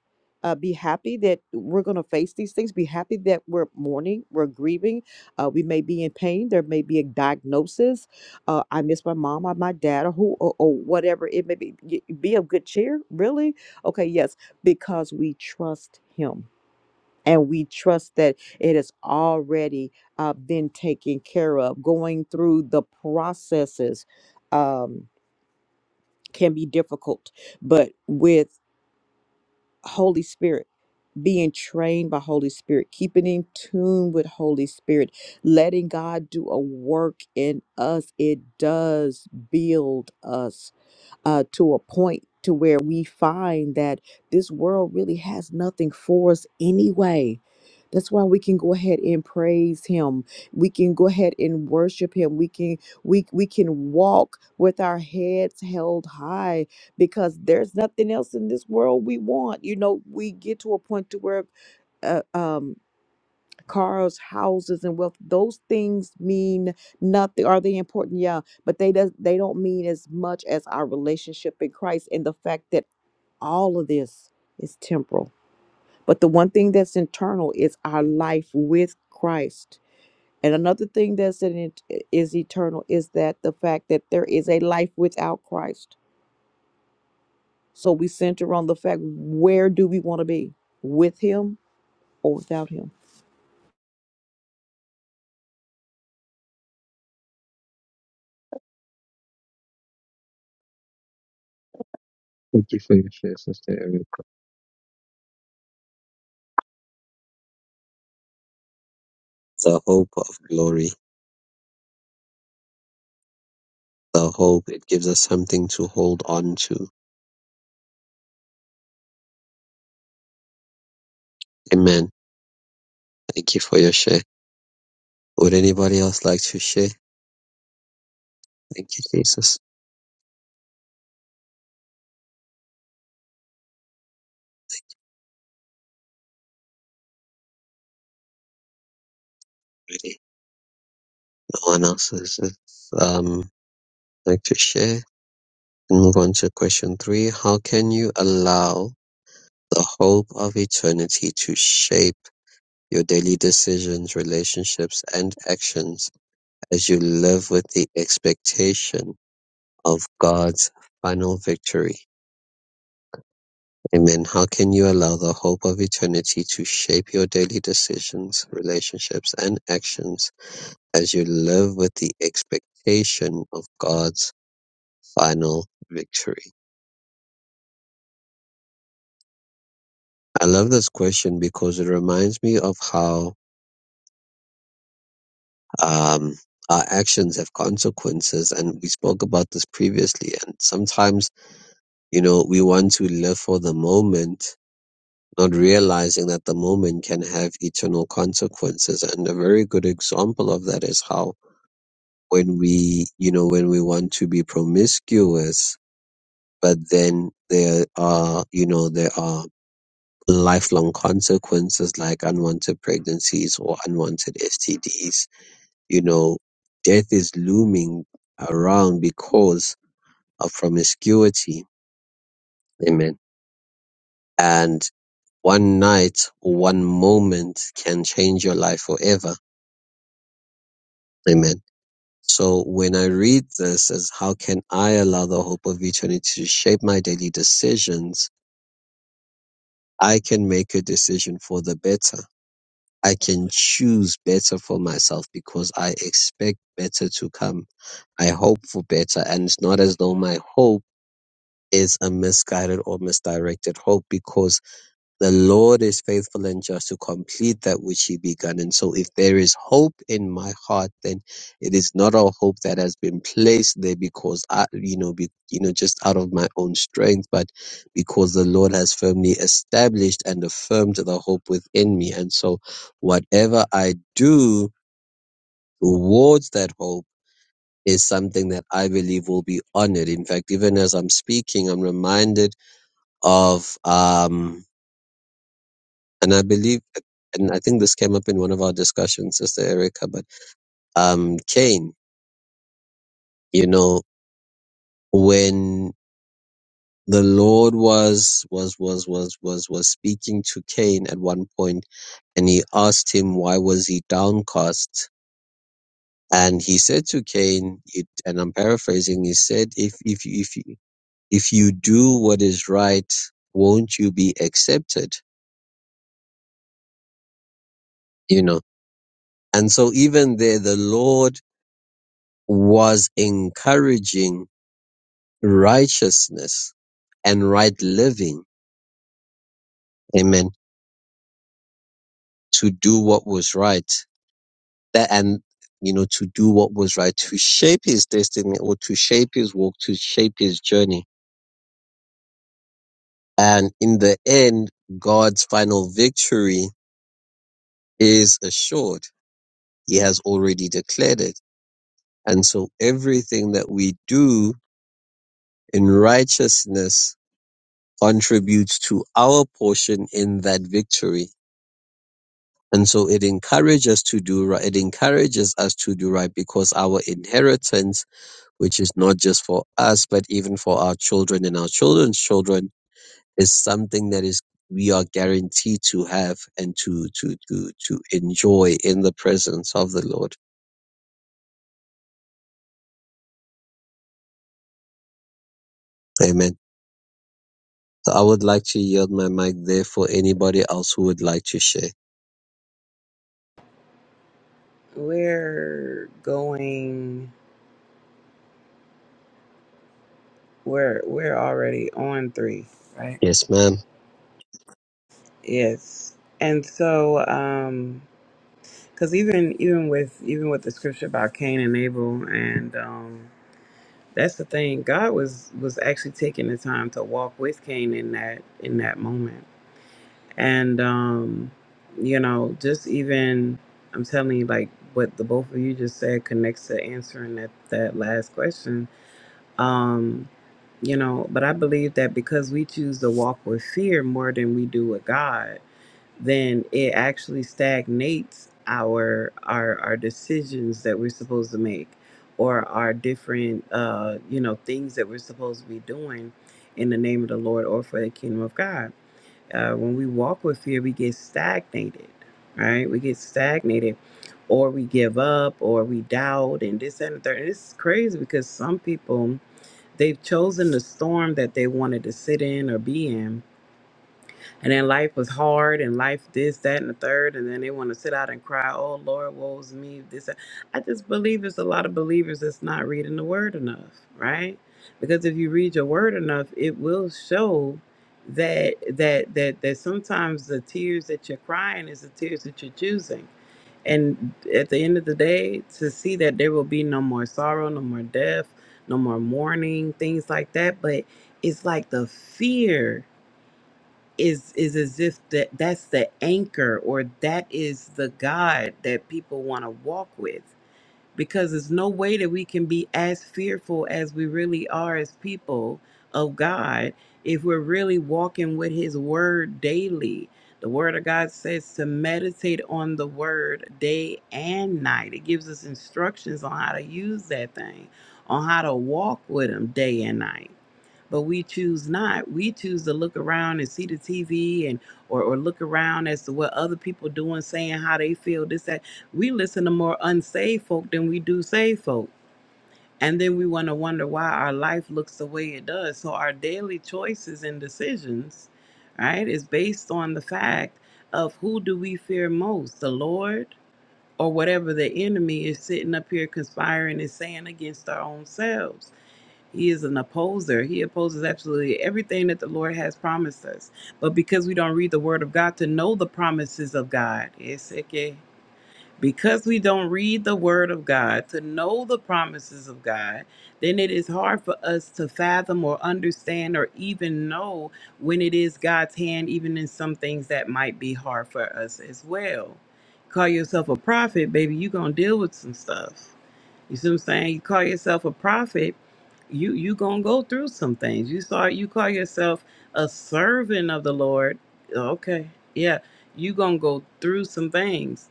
Uh, be happy that we're going to face these things. Be happy that we're mourning, we're grieving. Uh, we may be in pain. There may be a diagnosis. Uh, I miss my mom or my dad or who or, or whatever it may be. Y- Be of good cheer, really. Okay, yes, because we trust Him and we trust that it has already uh, been taken care of. Going through the processes um, can be difficult, but with Holy Spirit, being trained by Holy Spirit, keeping in tune with Holy Spirit, letting God do a work in us. It does build us uh, to a point to where we find that this world really has nothing for us anyway. That's why we can go ahead and praise him. We can go ahead and worship him. We can we we can walk with our heads held high because there's nothing else in this world we want. You know, we get to a point to where uh, um cars, houses, and wealth. Those things mean nothing. Are they important? Yeah, but they does they don't mean as much as our relationship in Christ and the fact that all of this is temporal. But the one thing that's internal is our life with Christ. And another thing that's in it is eternal is that the fact that there is a life without Christ. So we center on the fact where do we want to be? With him or without him? Thank you for your share, Sister Eric. The hope of glory. The hope. It gives us something to hold on to. Amen. Thank you for your share. Would anybody else like to share? Thank you, Jesus. Really? No one else is is, um like to share. And move on to question three. How can you allow the hope of eternity to shape? Your daily decisions, relationships, and actions as you live with the expectation of God's final victory. Amen. How can you allow the hope of eternity to shape your daily decisions, relationships, and actions as you live with the expectation of God's final victory? I love this question because it reminds me of how um, our actions have consequences, and we spoke about this previously. And sometimes you know, we want to live for the moment, not realizing that the moment can have eternal consequences. And a very good example of that is how when we, you know, when we want to be promiscuous, but then there are, you know, there are lifelong consequences like unwanted pregnancies or unwanted STDs, you know, death is looming around because of promiscuity. Amen. And one night one moment can change your life forever. Amen. So when I read this as how can I allow the hope of eternity to shape my daily decisions, I can make a decision for the better. I can choose better for myself because I expect better to come. I hope for better and it's not as though my hope is a misguided or misdirected hope because The Lord is faithful and just to complete that which he began. And so if there is hope in my heart, then it is not a hope that has been placed there because I, you know, be, you know, just out of my own strength, but because the Lord has firmly established and affirmed the hope within me. And so whatever I do towards that hope is something that I believe will be honored. In fact, even as I'm speaking, I'm reminded of, um, and I believe, and I think this came up in one of our discussions, Sister Erica, but um, Cain, you know, when the Lord was was was was was was speaking to Cain at one point, and he asked him why was he downcast, and he said to Cain, it, and I'm paraphrasing, he said, if if you- if you- if you do what is right, won't you be accepted? You know, and so even there, the Lord was encouraging righteousness and right living. Amen. To do what was right. That and you know, to do what was right, to shape his destiny or to shape his walk, to shape his journey. And in the end, God's final victory is assured. He has already declared it. And so everything that we do in righteousness contributes to our portion in that victory And so it encourages to do right. It encourages us to do right because our inheritance, which is not just for us, but even for our children and our children's children, is something that is we are guaranteed to have and to to to to enjoy in the presence of the Lord. Amen. So I would like to yield my mic there for anybody else who would like to share. We're going. We're we're already on three, right? Yes, ma'am. Yes, and so um, because even even with even with the scripture about Cain and Abel and um That's the thing. God was was actually taking the time to walk with Cain in that in that moment. And um, you know, just even I'm telling you, like what the both of you just said connects to answering that, that last question. Um, you know, but I believe that because we choose to walk with fear more than we do with God, then it actually stagnates our our our decisions that we're supposed to make or our different uh you know things that we're supposed to be doing in the name of the lord or for the kingdom of god uh, when we walk with fear we get stagnated right we get stagnated or we give up or we doubt and this that, and the third and it's crazy because some people they've chosen the storm that they wanted to sit in or be in and then life was hard and life this, that, and the third. And then they want to sit out and cry, oh, Lord, woe's me. This, that." I just believe there's a lot of believers that's not reading the word enough, right? Because if you read your word enough, it will show that that that that sometimes the tears that you're crying is the tears that you're choosing. And at the end of the day, to see that there will be no more sorrow, no more death, no more mourning, things like that. But it's like the fear is is as if that that's the anchor or that is the God that people want to walk with because there's no way that we can be as fearful as we really are as people of God if we're really walking with his word daily. The word of God says to meditate on the word day and night. It gives us instructions on how to use that thing, on how to walk with him day and night but we choose not we choose to look around and see the tv and or, or look around as to what other people doing saying how they feel this that we listen to more unsaved folk than we do saved folk and then we want to wonder why our life looks the way it does so our daily choices and decisions right is based on the fact of who do we fear most the lord or whatever the enemy is sitting up here conspiring and saying against our own selves he is an opposer. He opposes absolutely everything that the Lord has promised us. But because we don't read the Word of God to know the promises of God, it's okay. Because we don't read the Word of God to know the promises of God, then it is hard for us to fathom or understand or even know when it is God's hand, even in some things that might be hard for us as well. Call yourself a prophet, baby, you're going to deal with some stuff you see what I'm saying? You call yourself a prophet, you you gonna go through some things. You saw you call yourself a servant of the Lord. Okay, yeah, you gonna go through some things.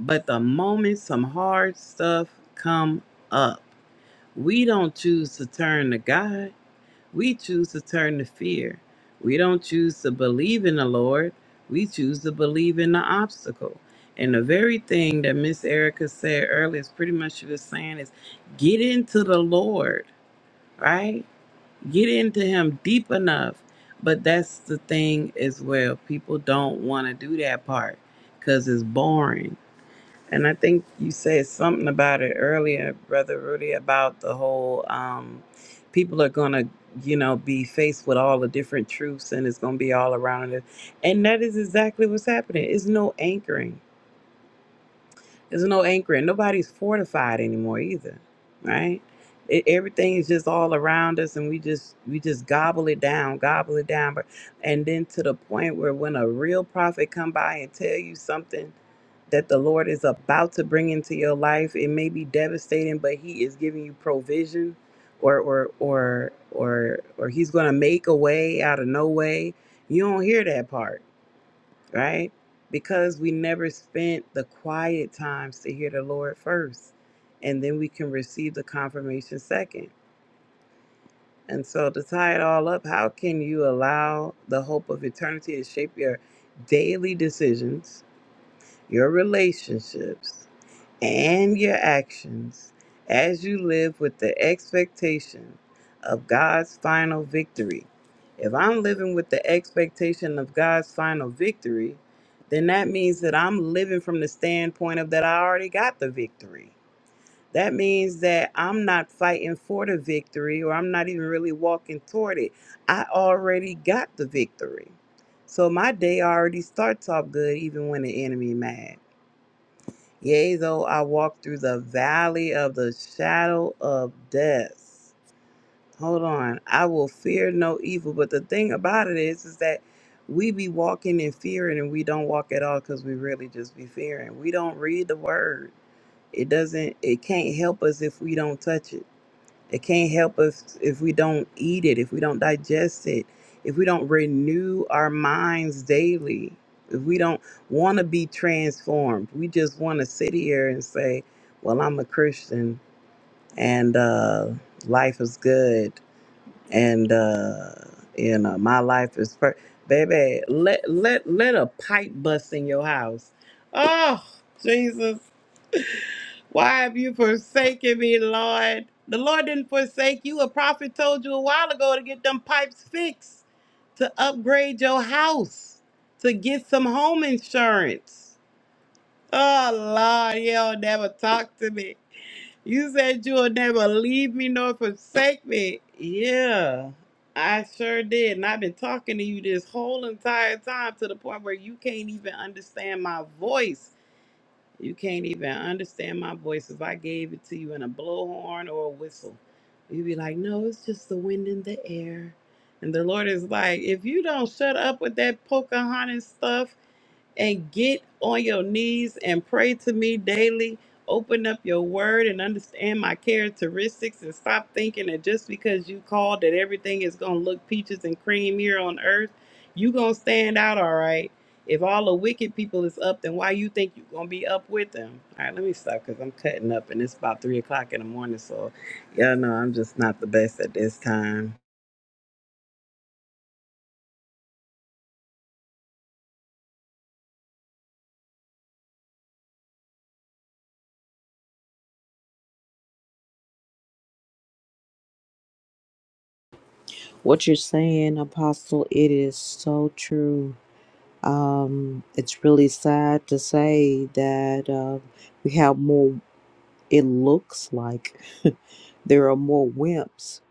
But the moment some hard stuff come up, we don't choose to turn to God. We choose to turn to fear. We don't choose to believe in the Lord. We choose to believe in the obstacle. And the very thing that Miss Erica said earlier is pretty much she was saying is get into the Lord, right? Get into him deep enough. But that's the thing as well. People don't want to do that part because it's boring and I think you said something about it earlier, Brother Rudy, about the whole um, people are going to, you know, be faced with all the different truths and it's going to be all around it. And that is exactly what's happening. It's no anchoring. There's no anchoring. Nobody's fortified anymore either, right? It, everything is just all around us, and we just we just gobble it down, gobble it down. But and then to the point where when a real prophet come by and tell you something that the Lord is about to bring into your life, it may be devastating, but He is giving you provision, or or or or or He's going to make a way out of no way. You don't hear that part right? Because we never spent the quiet times to hear the Lord first, and then we can receive the confirmation second. And so, to tie it all up, how can you allow the hope of eternity to shape your daily decisions, your relationships? and your actions as you live with the expectation of God's final victory. If I'm living with the expectation of God's final victory, then that means that I'm living from the standpoint of that I already got the victory. That means that I'm not fighting for the victory or I'm not even really walking toward it. I already got the victory. So my day already starts off good even when the enemy mad. Yea, though I walk through the valley of the shadow of death. Hold on. I will fear no evil. But the thing about it is, is that we be walking in fear and we don't walk at all because we really just be fearing. We don't read the word. It doesn't, it can't help us if we don't touch it. It can't help us if we don't eat it, if we don't digest it, if we don't renew our minds daily, if we don't want to be transformed. We just want to sit here and say, Well, I'm a Christian and uh, life is good and uh you know my life is per baby let let let a pipe bust in your house oh jesus why have you forsaken me lord the lord didn't forsake you a prophet told you a while ago to get them pipes fixed to upgrade your house to get some home insurance oh lord you'll never talk to me you said you would never leave me nor forsake me. Yeah, I sure did. And I've been talking to you this whole entire time to the point where you can't even understand my voice. You can't even understand my voice if I gave it to you in a blowhorn or a whistle. You'd be like, no, it's just the wind in the air. And the Lord is like, if you don't shut up with that Pocahontas stuff, and get on your knees and pray to me daily. Open up your word and understand my characteristics and stop thinking that just because you called that everything is going to look peaches and cream here on earth, you going to stand out all right. If all the wicked people is up, then why you think you going to be up with them? All right, let me stop because I'm cutting up and it's about 3 o'clock in the morning. So, yeah, no, I'm just not the best at this time. What you're saying, Apostle, it is so true Um, it's really sad to say that uh, we have more, it looks like [laughs] there are more wimps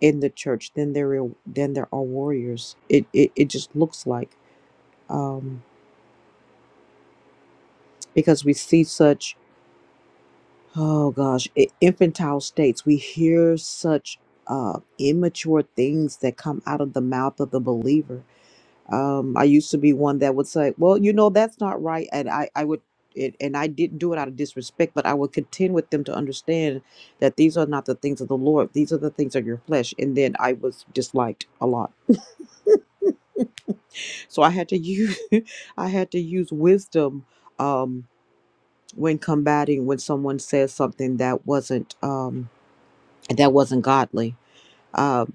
in the church than there are, than there are warriors. It, it, it just looks like um, because we see such, oh gosh, i- infantile states. We hear such uh, immature things that come out of the mouth of the believer um, I used to be one that would say, "Well, you know, that's not right," and I, I would, it, and I didn't do it out of disrespect, but I would contend with them to understand that these are not the things of the Lord; these are the things of your flesh. And then I was disliked a lot, [laughs] so I had to use, [laughs] I had to use wisdom um, when combating when someone says something that wasn't um, that wasn't godly. Um,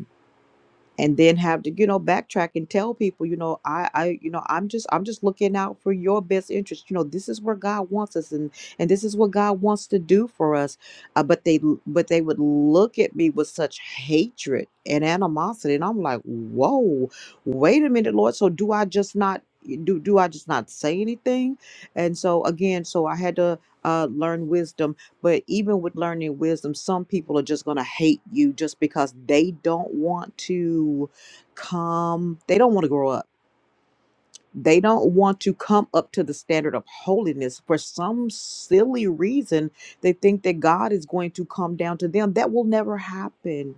and then have to you know backtrack and tell people you know i i you know i'm just i'm just looking out for your best interest you know this is where god wants us and and this is what god wants to do for us uh, but they but they would look at me with such hatred and animosity and i'm like whoa wait a minute lord so do i just not do do i just not say anything and so again so i had to uh, learn wisdom but even with learning wisdom, some people are just going to hate you just because they don't want to come, they don't want to grow up. They don't want to come up to the standard of holiness for some silly reason. They think that God is going to come down to them. That will never happen.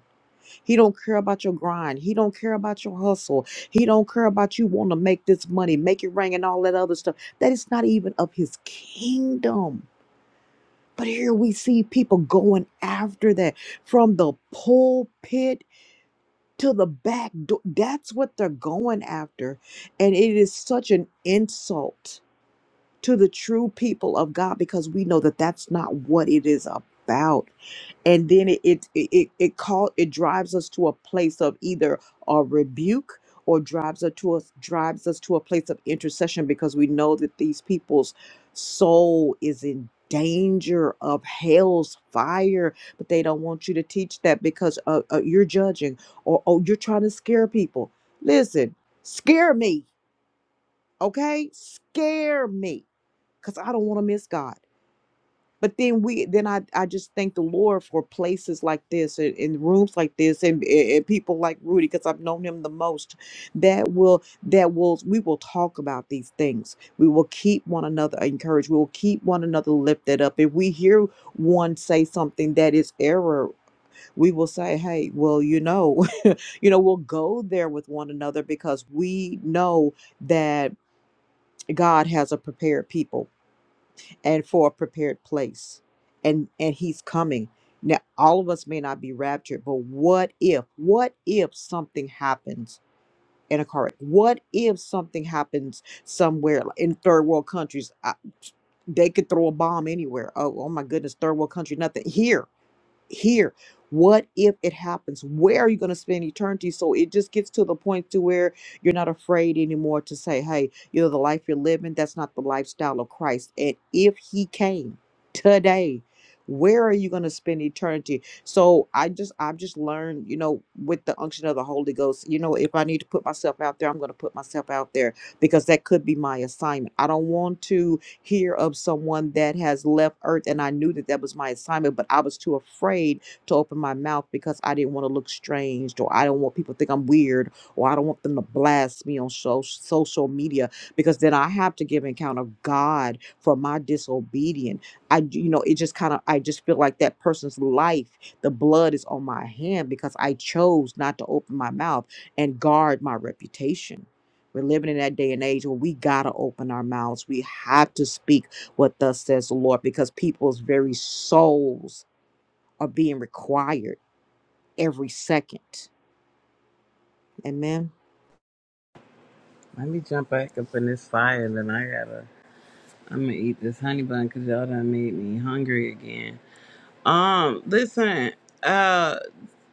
He don't care about your grind. He don't care about your hustle. He don't care about you want to make this money, make it ring and all that other stuff. That is not even of his kingdom but here we see people going after that from the pulpit to the back door. That's what they're going after. And it is such an insult to the true people of God because we know that that's not what it is about and then it it it it, call it drives us to a place of either a rebuke or drives us to us drives us to a place of intercession because we know that these people's soul is in danger of hell's fire but they don't want you to teach that because uh, uh, you're judging or oh you're trying to scare people listen scare me okay scare me because i don't want to miss god but then we then i i just thank the lord for places like this and, and rooms like this and, and and people like rudy because i've known him the most that will that will we will talk about these things we will keep one another encouraged we will keep one another lifted up if we hear one say something that is error we will say hey well you know [laughs] you know we'll go there with one another because we know that god has a prepared people and for a prepared place and and he's coming now all of us may not be raptured but what if what if something happens in a car wreck? what if something happens somewhere like in third world countries I, they could throw a bomb anywhere oh, oh my goodness third world country nothing here here what if it happens where are you going to spend eternity so it just gets to the point to where you're not afraid anymore to say hey you know the life you're living that's not the lifestyle of christ and if he came today where are you going to spend eternity so i just i've just learned you know with the unction of the holy ghost you know if i need to put myself out there i'm going to put myself out there because that could be my assignment i don't want to hear of someone that has left earth and i knew that that was my assignment but i was too afraid to open my mouth because i didn't want to look strange or i don't want people to think i'm weird or i don't want them to blast me on so- social media because then i have to give an account of god for my disobedience i you know it just kind of i just feel like that person's life the blood is on my hand because i chose not to open my mouth and guard my reputation we're living in that day and age where we gotta open our mouths. We have to speak what thus says the Lord because people's very souls are being required every second. Amen. Let me jump back up in this fire and then I got to I'm gonna eat this honey bun because y'all done made me hungry again. Um, listen, uh,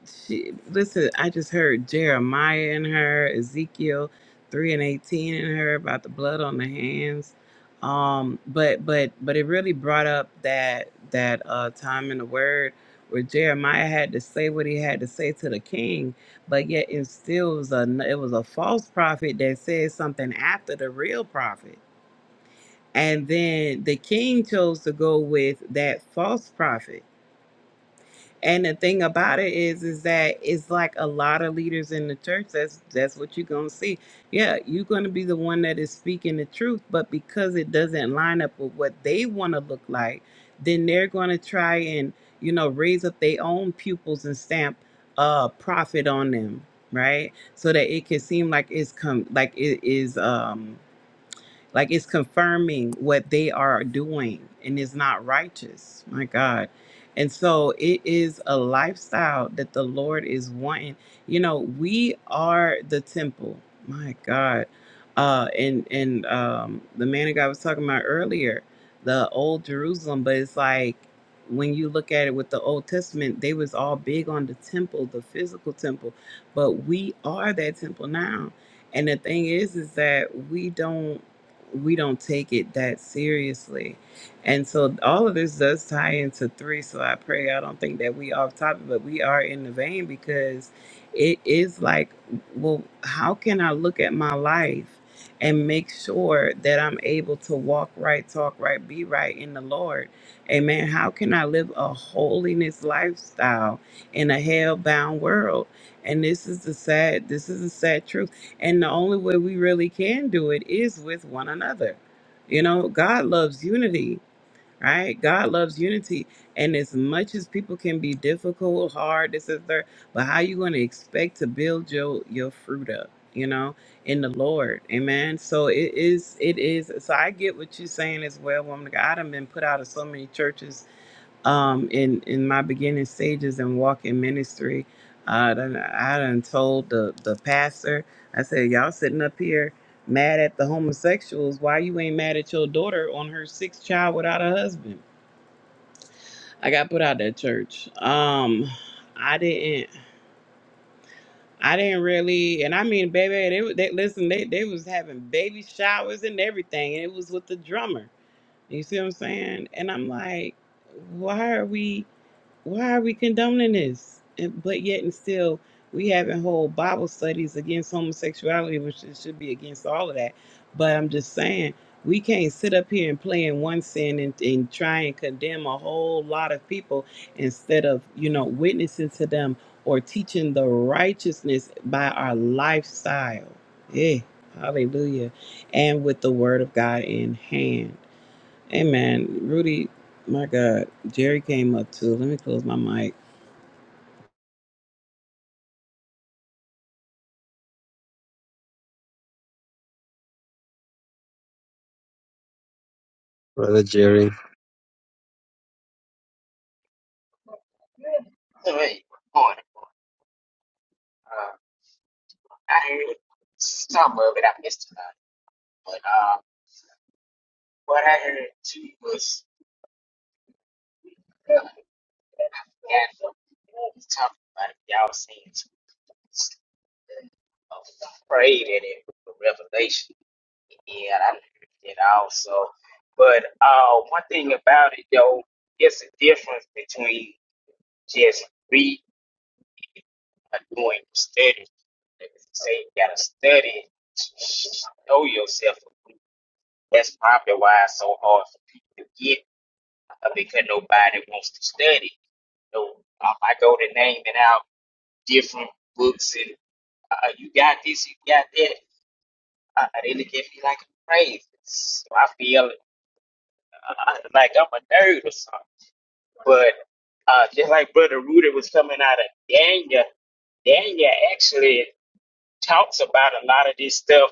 she, listen, I just heard Jeremiah in her, Ezekiel three and eighteen in her about the blood on the hands. Um, but but but it really brought up that that uh time in the Word where Jeremiah had to say what he had to say to the king, but yet it still was a it was a false prophet that said something after the real prophet and then the king chose to go with that false prophet. And the thing about it is, is that it's like a lot of leaders in the church. That's that's what you're gonna see. Yeah, you're gonna be the one that is speaking the truth, but because it doesn't line up with what they want to look like, then they're gonna try and you know raise up their own pupils and stamp a uh, prophet on them, right? So that it can seem like it's come like it is um like it's confirming what they are doing and it's not righteous. My God. And so it is a lifestyle that the Lord is wanting. You know, we are the temple. My God. Uh and and um the man of God was talking about earlier, the old Jerusalem, but it's like when you look at it with the Old Testament, they was all big on the temple, the physical temple, but we are that temple now. And the thing is, is that we don't we don't take it that seriously. And so all of this does tie into three. So I pray I don't think that we off topic, but we are in the vein because it is like, well, how can I look at my life and make sure that I'm able to walk right, talk right, be right in the Lord? Amen. How can I live a holiness lifestyle in a hell bound world? And this is the sad, this is the sad truth and the only way we really can do it is with one another. You know, God loves unity, right? God loves unity. And as much as people can be difficult, hard, this is their, but how you going to expect to build your your fruit up, you know, in the Lord. Amen. So it is, it is. So I get what you're saying as well, woman. of God. I have been put out of so many churches um, in in my beginning stages and walking ministry. I done, I done told the the pastor. I said, y'all sitting up here mad at the homosexuals. Why you ain't mad at your daughter on her sixth child without a husband? I got put out that church. Um, I didn't. I didn't really, and I mean, baby, they, were- they listen. They they was having baby showers and everything, and it was with the drummer. You see what I'm saying? And I'm like, why are we? why are we condoning this? And, but yet and still, we having whole Bible studies against homosexuality, which it should be against all of that. But I'm just saying, we can't sit up here and play in one sin and, and try and condemn a whole lot of people instead of, you know, witnessing to them or teaching the righteousness by our lifestyle. Yeah, hallelujah. And with the word of God in hand. Hey man, Rudy, my God, Jerry came up too. Let me close my mic. Brother Jerry, Hey, morning. Uh, I heard some of it. I missed it. But uh, what I heard too was uh, and I forgot what we was talking about. It. Y'all was saying it's uh, afraid in it, the revelation. Yeah, I heard it also. But uh, one thing about it though, it's a difference between just reading and doing studies. They say you gotta study to know yourself. That's probably why it's so hard for people to get uh, because nobody wants to study. So um, I go to naming out different books and uh, you got this, you got that. Uh, they look at me like I'm crazy. So I feel uh, like I'm a nerd or something. But uh, just like Brother Rudy was coming out of Daniel, Daniel actually talks about a lot of this stuff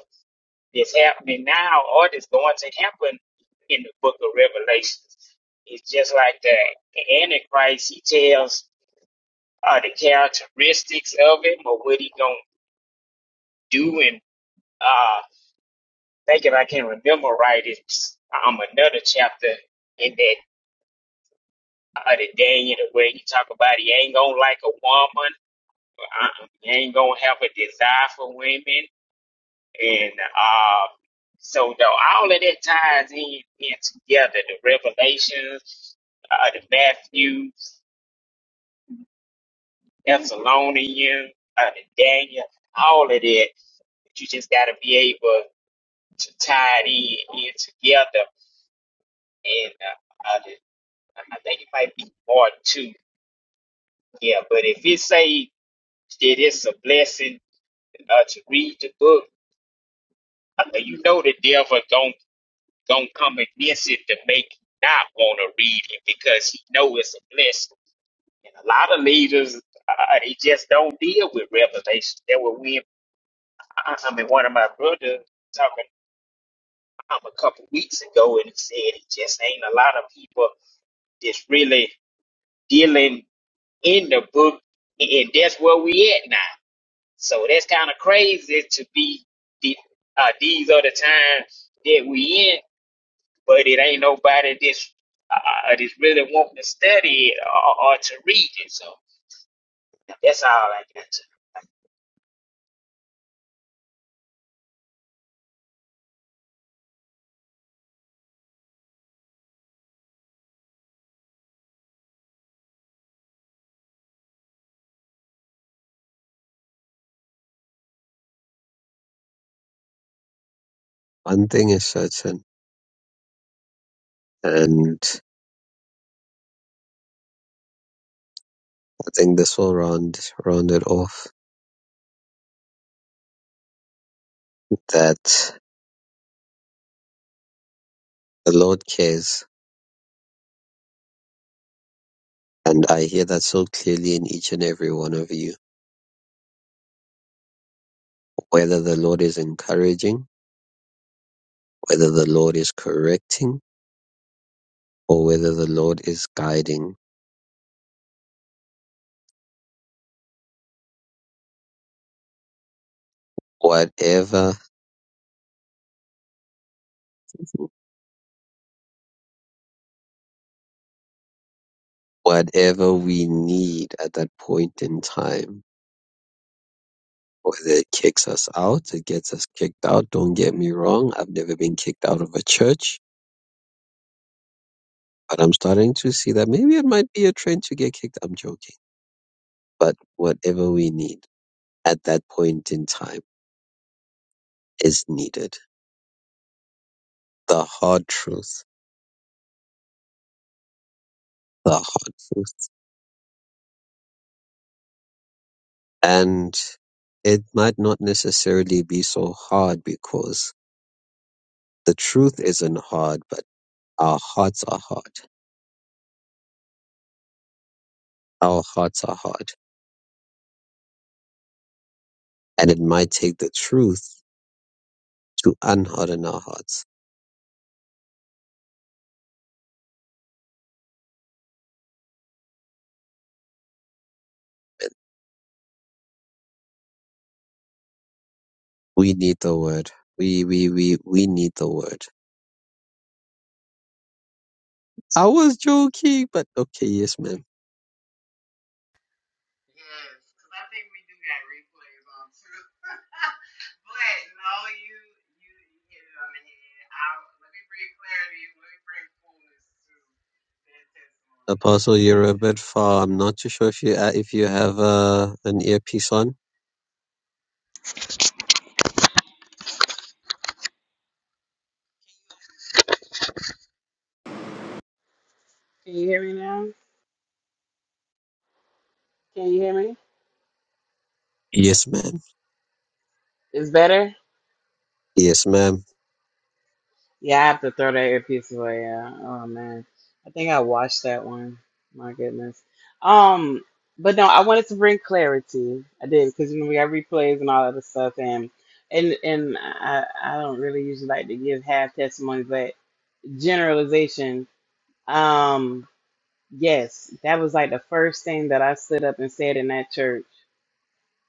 that's happening now or that's going to happen in the book of Revelation. It's just like the Antichrist, he tells uh, the characteristics of him or what he going to do. And uh, thinking I can remember right, it's um, another chapter in that uh, the Daniel where he talk about he ain't going to like a woman. Uh, he ain't going to have a desire for women. And um, so though all of that ties in, in together. The Revelations, uh, the Matthew, Thessalonians, uh, the Daniel, all of that. But you just got to be able to tie it in, in together. And uh, uh, the- I think it might be part two. Yeah, but if it say that it's a blessing uh, to read the book, uh, you know the devil gonna gonna come against it to make you not want to read it because he know it's a blessing. And a lot of leaders, uh, they just don't deal with revelation. There were we, I mean, one of my brothers talking um, a couple weeks ago, and he said it just ain't a lot of people that's really dealing in the book, and that's where we at now. So that's kind of crazy to be. the- Uh, these are the times that we in, but it ain't nobody that's uh, that's really wanting to study it or, or to read it. So that's all I got. To. one thing is certain, and I think this will round round it off that The Lord cares, and I hear that so clearly in each and every one of you. Whether the Lord is encouraging, whether the Lord is correcting, or whether the Lord is guiding, whatever whatever we need at that point in time. Whether it kicks us out, it gets us kicked out. Don't get me wrong, I've never been kicked out of a church, but I'm starting to see that maybe it might be a trend to get kicked. I'm joking. But whatever we need at that point in time is needed. the hard truth, the hard truth. And it might not necessarily be so hard because the truth isn't hard, but our hearts are hard. Our hearts are hard. And it might take the truth to unharden our hearts. We need the word. We, we, we, we need the word. I was joking, but okay, yes, man. Yes, because I think we do got replays on too. [laughs] but no, you you you hit it on the head. I, let me bring clarity. Let me bring fullness to that testimony, giving Apostle, the you're half a bit testimony. far. I'm not too sure if you uh, if you have uh, an earpiece on. Can you hear me now? Can you hear me? Yes, ma'am. It's better. Yes, ma'am. Yeah, I have to throw that earpiece away. Yeah. Oh man, I think I watched that one. My goodness. Um, but no, I wanted to bring clarity. I did because you know we got replays and all that other stuff, and and and I I don't really usually like to give half testimony, but generalization. Um, yes, that was like the first thing that I stood up and said in that church,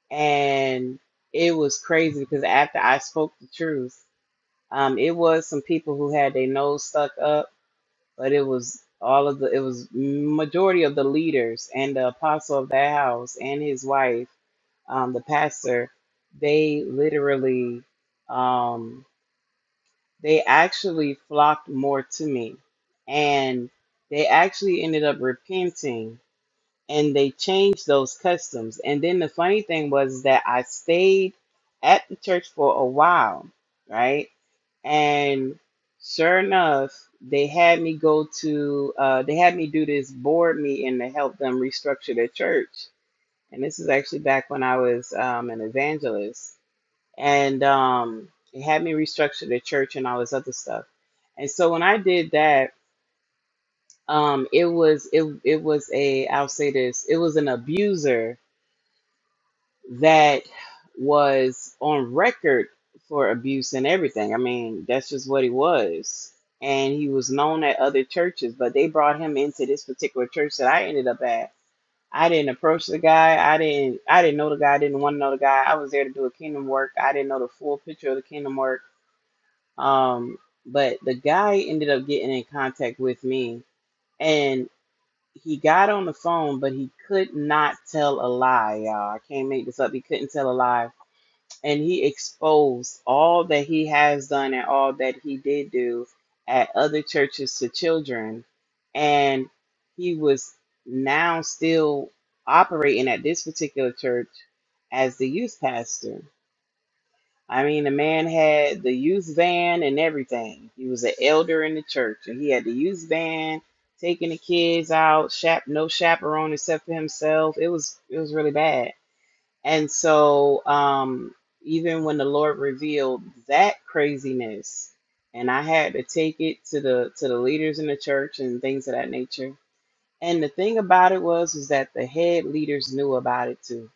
and it was crazy because after I spoke the truth, um, it was some people who had their nose stuck up but it was all of the it was majority of the leaders and the apostle of that house and his wife um, the pastor they literally um, they actually flocked more to me and they actually ended up repenting and they changed those customs. And then the funny thing was that I stayed at the church for a while, right? And sure enough, they had me go to, uh, they had me do this board meeting to help them restructure their church. And this is actually back when I was um, an evangelist. And um, they had me restructure the church and all this other stuff. And so when I did that, um, it was it it was a I'll say this, it was an abuser that was on record for abuse and everything. I mean, that's just what he was. And he was known at other churches, but they brought him into this particular church that I ended up at. I didn't approach the guy. I didn't I didn't know the guy. I didn't want to know the guy. I was there to do a kingdom work. I didn't know the full picture of the kingdom work. Um, but the guy ended up getting in contact with me and he got on the phone, but he could not tell a lie, y'all. I can't make this up. He couldn't tell a lie and he exposed all that he has done and all that he did do at other churches to children and he was now still operating at this particular church as the youth pastor i mean the man had the youth van and everything he was an elder in the church and he had the youth van taking the kids out chap no chaperone except for himself it was it was really bad and so, um, even when the Lord revealed that craziness, and I had to take it to the to the leaders in the church and things of that nature. And the thing about it was was that the head leaders knew about it too.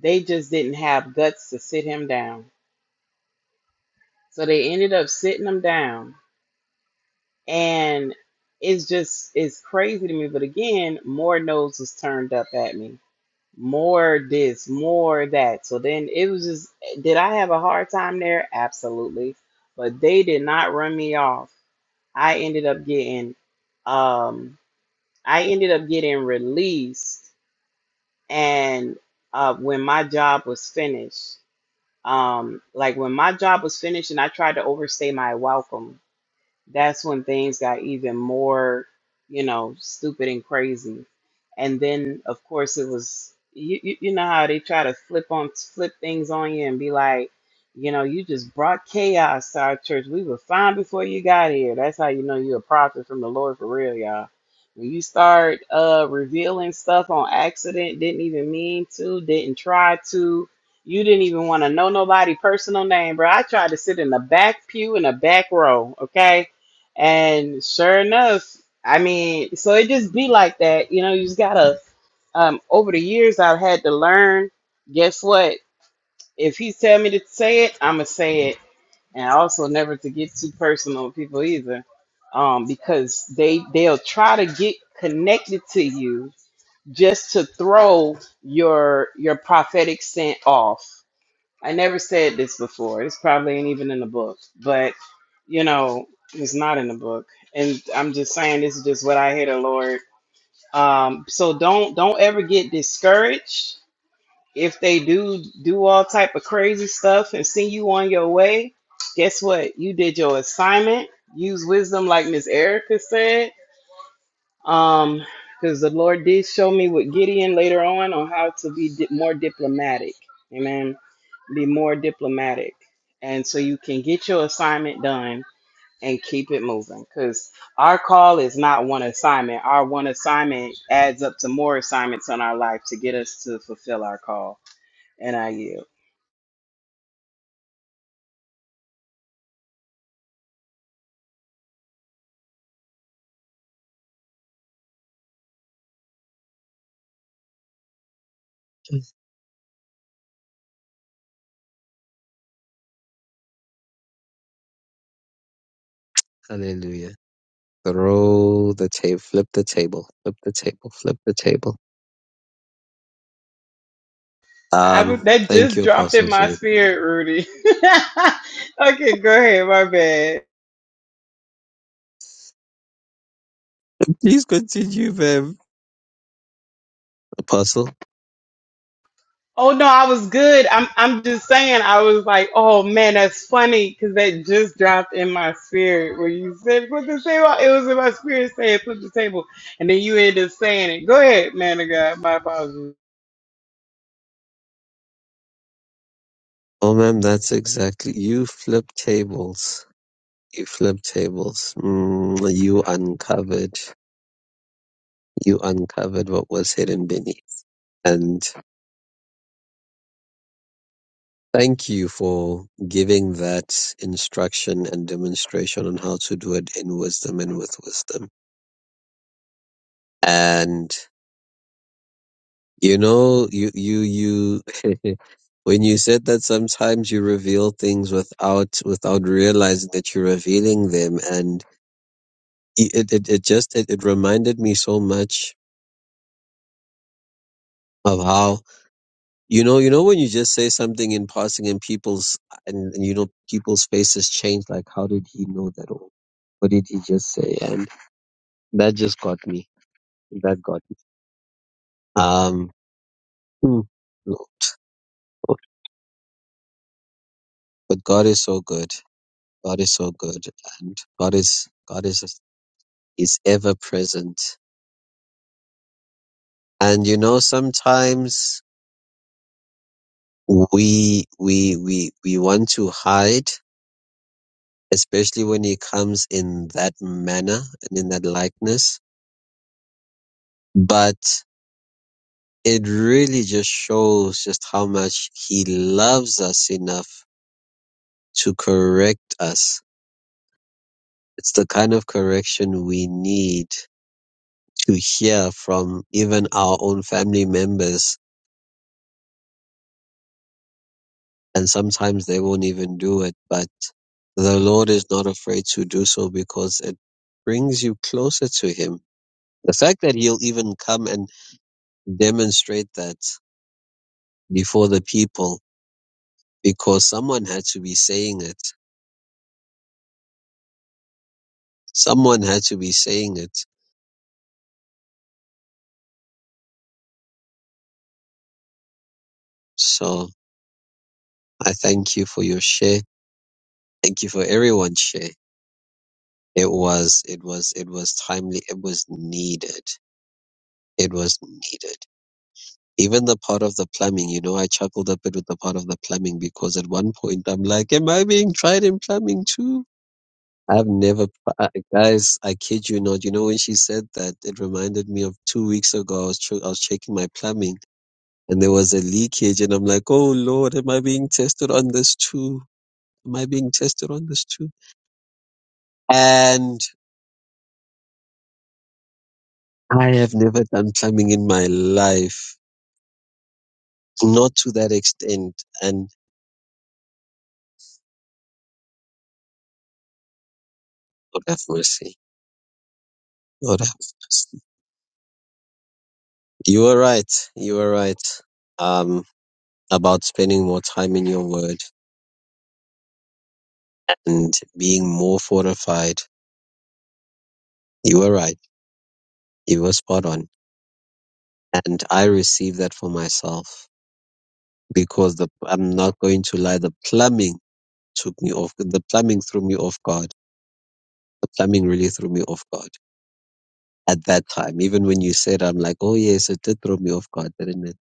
They just didn't have guts to sit him down. So they ended up sitting him down. And it's just it's crazy to me. But again, more noses turned up at me more this, more that. So then it was just, did I have a hard time there? Absolutely. But they did not run me off. I ended up getting, um, I ended up getting released. And uh, when my job was finished, um, like when my job was finished and I tried to overstay my welcome, that's when things got even more, you know, stupid and crazy. And then, of course, it was you. You, you know how they try to flip on flip things on you and be like, you know, you just brought chaos to our church. We were fine before you got here. That's how you know you're a prophet from the Lord for real, y'all. When you start uh, revealing stuff on accident, didn't even mean to, didn't try to, you didn't even want to know nobody personal name, bro. I tried to sit in the back pew in the back row, okay? And sure enough, I mean, so it just be like that. You know, you just gotta, um, over the years, I've had to learn. Guess what? If he tell me to say it, I'm gonna say it. And also never to get too personal with people either. Um, because they, they'll try to get connected to you just to throw your, your prophetic scent off. I never said this before. This probably ain't even in the book, but you know, it's not in the book. And I'm just saying this is just what I hear the Lord. Um, so don't don't ever get discouraged if they do do all type of crazy stuff and send you on your way. Guess what? You did your assignment. Use wisdom, like Miss Erica said, um, because the Lord did show me with Gideon later on on how to be di- more diplomatic. Amen be more diplomatic and so you can get your assignment done and keep it moving because our call is not one assignment our one assignment adds up to more assignments on our life to get us to fulfill our call and i yield Hallelujah. Throw the table, flip the table, flip the table, flip the table. I, Um, that thank just you, dropped in Apostle my Jane. spirit rudy [laughs] okay go ahead my bad Please continue, ma'am. Apostle? Oh no, I was good. I'm I'm just saying I was like, oh man, that's funny because that just dropped in my spirit where you said put the table. It was in my spirit saying put the table, and then you ended up saying it. Go ahead, man of God. My apologies, Oh, ma'am, that's exactly, you flip tables. You flip tables. Mm, you uncovered, you uncovered what was hidden beneath. And thank you for giving that instruction and demonstration on how to do it in wisdom and with wisdom. And You know, you, you, you, [laughs] when you said that sometimes you reveal things without, without realizing that you're revealing them. And i- it, it, it just, it, it reminded me so much of how, you know, you know, when you just say something in passing and people's, and, and you know, people's faces change, like, how did he know that? Or what did he just say? And that just got me. That got me. Um, hmm. but God is so good. God is so good and God is God is is ever present. And you know sometimes we we we we want to hide, especially when he comes in that manner and in that likeness. But it really just shows just how much he loves us enough to correct us. It's the kind of correction we need to hear from even our own family members and sometimes they won't even do it. But the Lord is not afraid to do so because it brings you closer to Him. The fact that He'll even come and demonstrate that before the people because someone had to be saying it. Someone had to be saying it. So I thank you for your share. Thank you for everyone's share. It was, it was, it was timely. It was needed. It was needed. Even the part of the plumbing, you know, I chuckled a bit with the part of the plumbing because at one point I'm like, am I being tried in plumbing too? I've never, I- guys, I kid you not. You know, when she said that, it reminded me of two weeks ago. I was, ch- I was checking my plumbing and there was a leakage and I'm like, oh Lord, am I being tested on this too? Am I being tested on this too? And I have never done plumbing in my life, not to that extent. And God have mercy. God have mercy. You were right. You were right um, about spending more time in your word and being more fortified. You were right. You were spot on. And I received that for myself because the, I'm not going to lie. The plumbing took me off. The plumbing threw me off guard. The plumbing really threw me off guard at that time. Even when you said, I'm like, oh yes, it did throw me off guard, didn't it?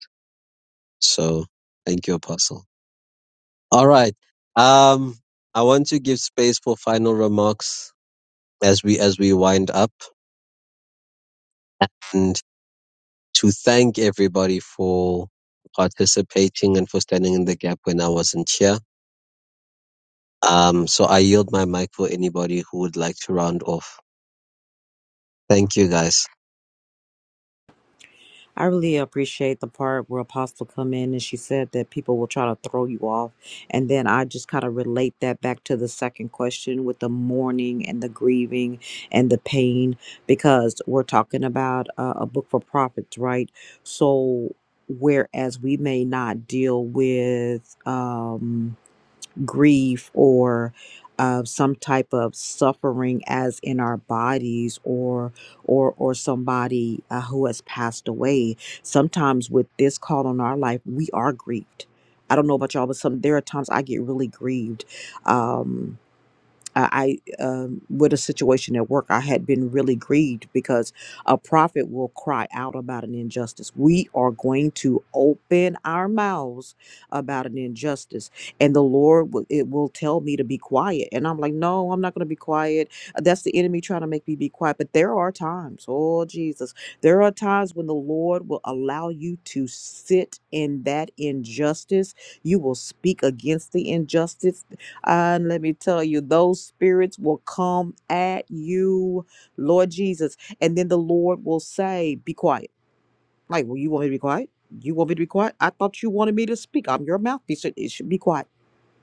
So thank you, Apostle. All right. Um, I want to give space for final remarks as we as we wind up and to thank everybody for participating and for standing in the gap when I wasn't here. Um, so I yield my mic for anybody who would like to round off. Thank you guys. I really appreciate the part where Apostle come in and she said that people will try to throw you off. And then I just kind of relate that back to the second question with the mourning and the grieving and the pain, because we're talking about uh, a book for prophets, right? So whereas we may not deal with, um, grief or uh, some type of suffering as in our bodies or or or somebody uh, who has passed away sometimes with this call on our life we are grieved i don't know about y'all but some there are times i get really grieved Um, uh, I um, with a situation at work, I had been really grieved because a prophet will cry out about an injustice. We are going to open our mouths about an injustice, and the Lord will, it will tell me to be quiet, and I'm like, no, I'm not going to be quiet. Uh, That's the enemy trying to make me be quiet. But there are times, oh Jesus, there are times when the Lord will allow you to sit in that injustice. You will speak against the injustice and let me tell you, those spirits will come at you, Lord Jesus. And then the Lord will say, Be quiet. Like, well, you want me to be quiet? You want me to be quiet? I thought you wanted me to speak. I'm your mouthpiece. It it should be quiet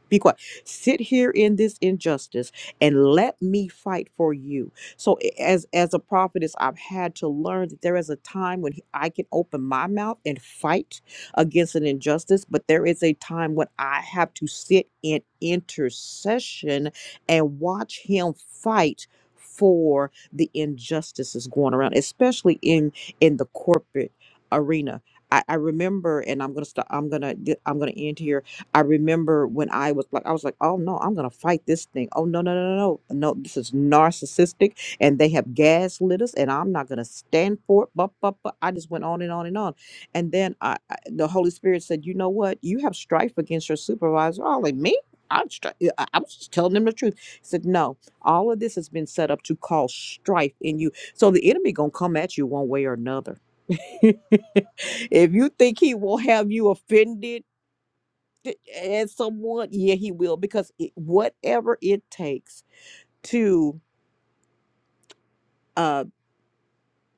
be quiet. Sit here in this injustice and let me fight for you. So a- as as a prophetess, I've had to learn that there is a time when I can open my mouth and fight against an injustice, but there is a time when I have to sit in intercession and watch him fight for the injustices going around, especially in in the corporate arena. I, I remember, and I'm gonna stop. I'm gonna. I'm gonna end here I remember when I was like, I was like, oh no, I'm gonna fight this thing. Oh no, no, no, no, no, no, this is narcissistic, and they have gaslit us, and I'm not gonna stand for it. But, but, but I just went on and on and on, and then I, I, the Holy Spirit said, you know what? You have strife against your supervisor. I was like, me? I'm stri- yeah, I I was just telling them the truth. He said, no, all of this has been set up to cause strife in you. So the enemy gonna come at you one way or another. [laughs] if you think he will have you offended Th- And someone, yeah, he will, because it, whatever it takes to, uh,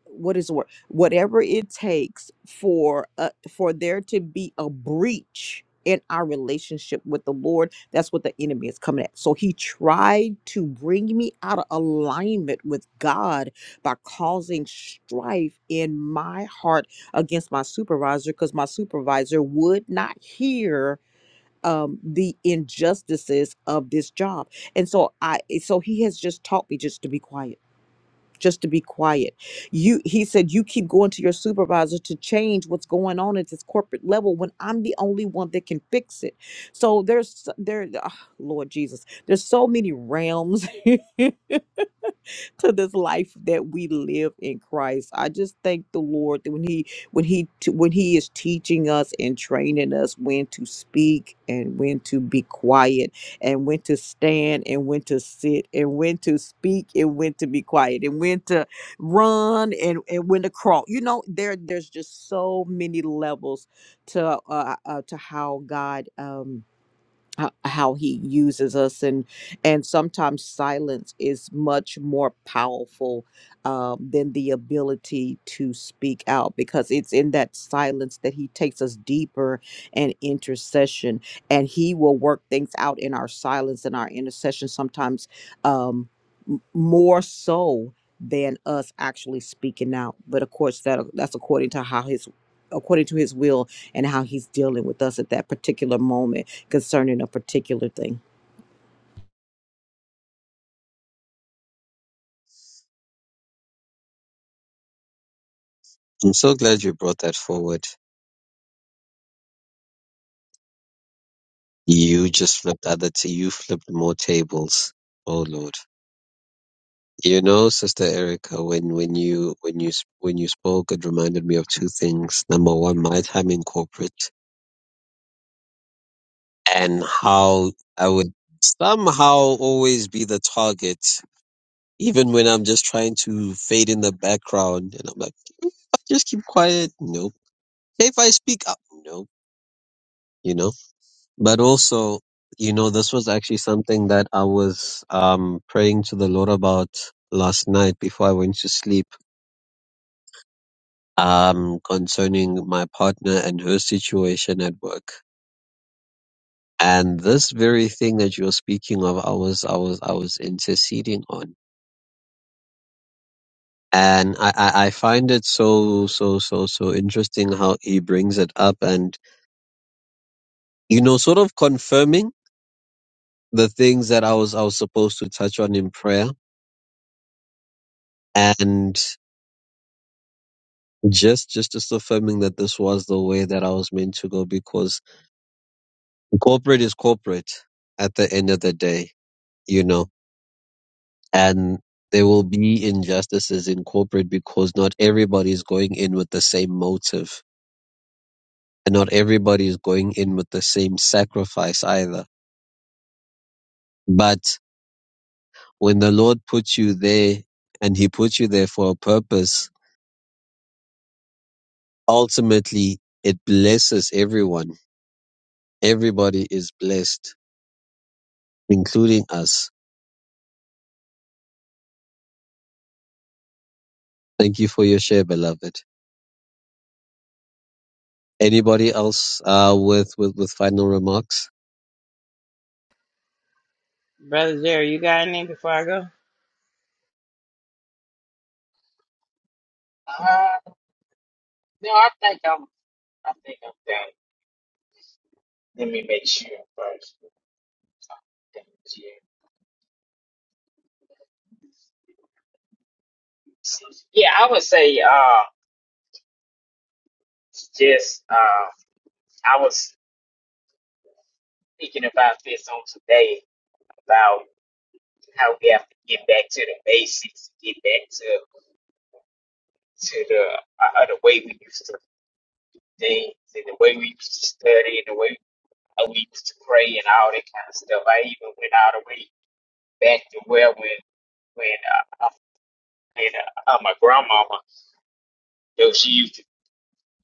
what is the word? Whatever it takes for uh, for there to be a breach in our relationship with the Lord, that's what the enemy is coming at. So he tried to bring me out of alignment with God by causing strife in my heart against my supervisor because my supervisor would not hear um the injustices of this job and so i eh, so he has just taught me just to be quiet just to be quiet you he said you keep going to your supervisor to change what's going on at this corporate level when i'm the only one that can fix it so there's s- there ah, lord jesus there's so many realms [laughs] to this life that we live in Christ. I just thank the Lord that when he when he when he is teaching us and training us when to speak and when to be quiet and when to stand and when to sit and when to speak and when to be quiet and when to run and, and when to crawl. You know, there there's just so many levels to uh, uh to how God um ho- how he uses us and and sometimes silence is much more powerful um, than the ability to speak out because it's in that silence that he takes us deeper and intercession and he will work things out in our silence and our intercession sometimes um, m- more so than us actually speaking out but of course that that's according to how his according to his will and how he's dealing with us at that particular moment concerning a particular thing. I'm so glad you brought that forward. You just flipped other t- you flipped more tables. Oh Lord. You know, Sister Erica, when, when you when you s- when you spoke, it reminded me of two things. Number one, my time in corporate. and how I would somehow always be the target, even when I'm just trying to fade in the background. And I'm like, "Oh, just keep quiet. Nope. Hey, if I speak up, nope. You know, but also, you know, this was actually something that I was um, praying to the Lord about last night before I went to sleep um, concerning my partner and her situation at work. And this very thing that you're speaking of, I was, I was, I was interceding on and I, I I find it so so so so interesting how he brings it up and you know sort of confirming the things that I was I was supposed to touch on in prayer and just just just affirming that this was the way that I was meant to go because corporate is corporate at the end of the day you know and there will be injustices in corporate because not everybody is going in with the same motive and not everybody is going in with the same sacrifice either but when the Lord puts you there and He puts you there for a purpose, ultimately it blesses everyone. Everybody is blessed, including us. Thank you for your share, beloved. Anybody else uh, with, with, with final remarks? brother Jerry. You got anything before I go? Uh, no, I think I'm. I think I'm done. Let me make sure first. Yeah, I would say uh, just uh, I was thinking about this on today about how we have to get back to the basics, get back to to the uh, the way we used to do things and the way we used to study and the way and we used to pray and all that kind of stuff. I even went all the way back to where when when uh, uh, when uh, uh, my grandmama, though she used to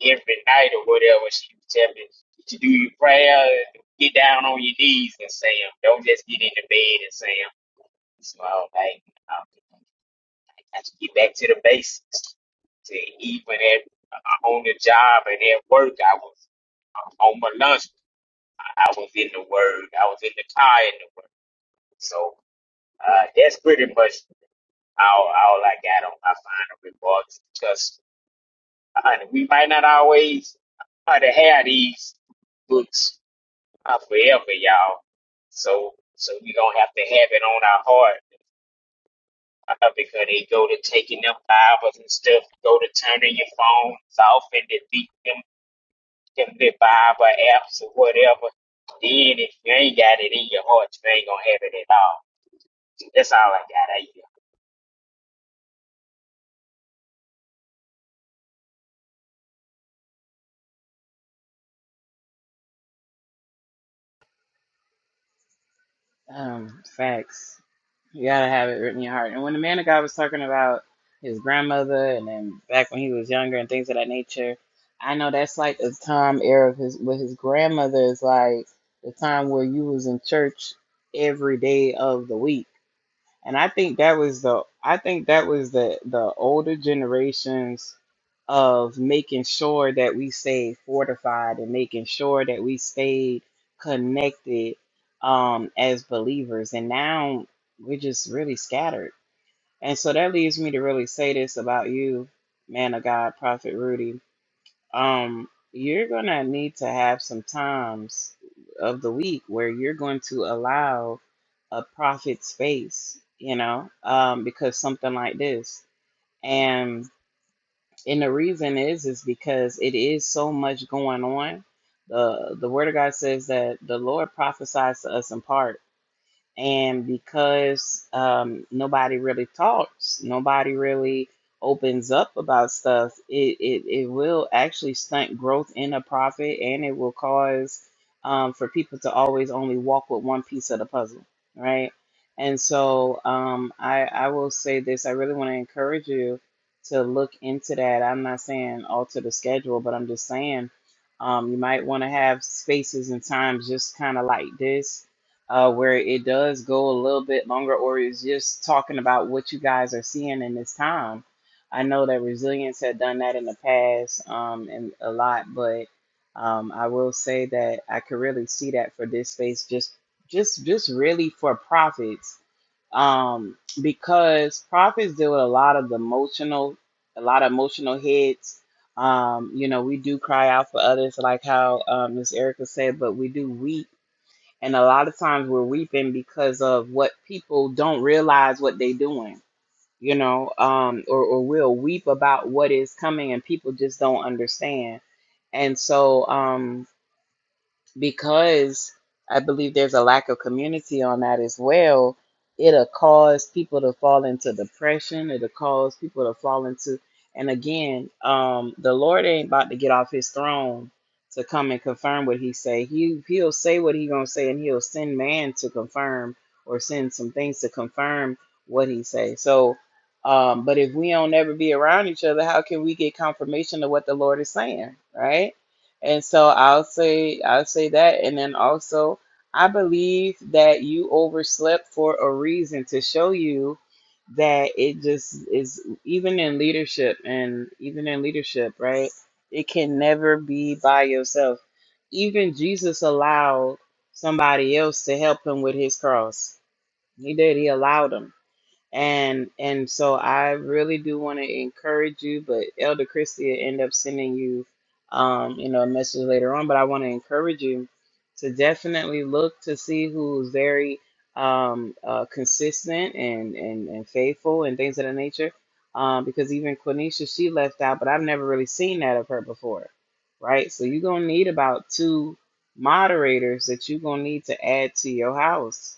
every night or whatever, she would tell me to do your prayer, get down on your knees and say 'em. Don't just get in the bed and say 'em. So I was like, um, I got to get back to the basics. To even at uh, on the job and at work, I was uh, on my lunch. I I was in the word. I was in the car in the word. So. Uh, that's pretty much all, all I got on my final remarks because honey, we might not always uh have these books uh, forever, y'all. So so we gonna have to have it on our heart uh, because they go to taking them Bibles and stuff, go to turning your phones off and delete them them little Bible apps or whatever. Then if you ain't got it in your heart, you ain't gonna have it at all. That's all I got. I Um, facts. You gotta have it written in your heart. And when the man of God was talking about his grandmother and then back when he was younger and things of that nature, I know that's like a time era of his with his grandmother is like the time where you was in church every day of the week. And I think that was the I think that was the the older generations of making sure that we stayed fortified and making sure that we stayed connected um as believers. And now we're just really scattered. And so that leads me to really say this about you, man of God, Prophet Rudy um, you're going to need to have some times of the week where you're going to allow a profit space, you know, um, because something like this. And and the reason is is because it is so much going on. The the word of God says that the Lord prophesies to us in part and because um, nobody really talks, nobody really opens up about stuff, it, it, it will actually stunt growth in a profit and it will cause um, for people to always only walk with one piece of the puzzle, right? And so um, I, I will say this I really want to encourage you to look into that. I'm not saying alter the schedule, but I'm just saying um, you might want to have spaces and times just kind of like this uh, where it does go a little bit longer, or it's just talking about what you guys are seeing in this time. I know that Resilience had done that in the past um, and a lot, but um, I will say that I could really see that for this space, just just just really for profits, um, because profits deal with a lot of emotional, a lot of emotional hits. Um, you know, we do cry out for others, like how um, Miss Erica said, but we do weep and a lot of times we're weeping because of what people don't realize what they're doing, you know, um, or, or we'll weep about what is coming and people just don't understand. And so, um, because I believe there's a lack of community on that as well. It'll cause people to fall into depression. It'll cause people to fall into, and again, um, the Lord ain't about to get off His throne to come and confirm what He say. He He'll say what He gonna say, and He'll send man to confirm or send some things to confirm what He say. So, um, but if we don't ever be around each other, how can we get confirmation of what the Lord is saying, right? And so I'll say I'll say that and then also I believe that you overslept for a reason to show you that it just is even in leadership and even in leadership, right? It can never be by yourself. Even Jesus allowed somebody else to help him with his cross. He did. He allowed him and and so I really do want to encourage you, but Elder Christie will end up sending you, um, you know, a message later on. But I want to encourage you to definitely look to see who's very um, uh, consistent and, and and faithful and things of that nature, um, because even Quenisha she left out, but I've never really seen that of her before, right? So you're gonna need about two moderators that you're gonna need to add to your house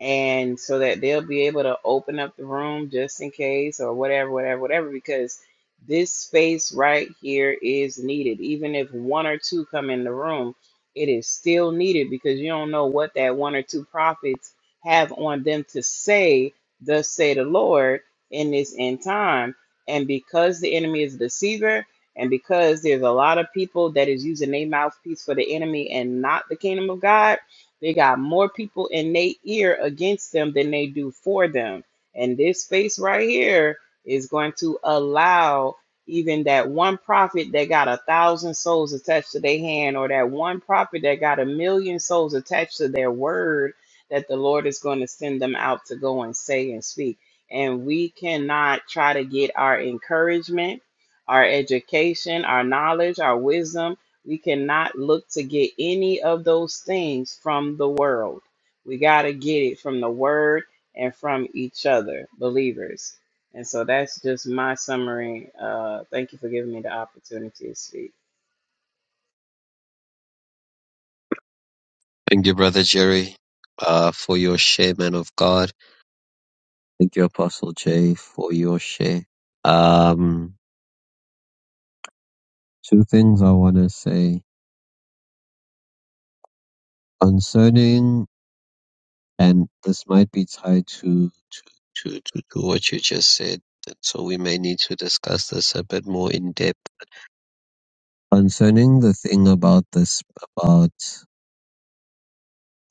and so that they'll be able to open up the room just in case or whatever, whatever, whatever, because this space right here is needed. Even if one or two come in the room, it is still needed because you don't know what that one or two prophets have on them to say, thus say the Lord, in this end time. And because the enemy is a deceiver, and because there's a lot of people that is using their mouthpiece for the enemy and not the kingdom of God they got more people in their ear against them than they do for them. And this space right here is going to allow even that one prophet that got a thousand souls attached to their hand, or that one prophet that got a million souls attached to their word, that the Lord is going to send them out to go and say and speak. And we cannot try to get our encouragement, our education, our knowledge, our wisdom we cannot look to get any of those things from the world. We got to get it from the word and from each other, believers. And so that's just my summary. Uh, thank you for giving me the opportunity to speak. Thank you, Brother Jerry, uh, for your share, man of God. Thank you, Apostle Jay, for your share. Um, two things I want to say concerning And this might be tied to to to to to what you just said, and so we may need to discuss this a bit more in depth. Concerning the thing about this, about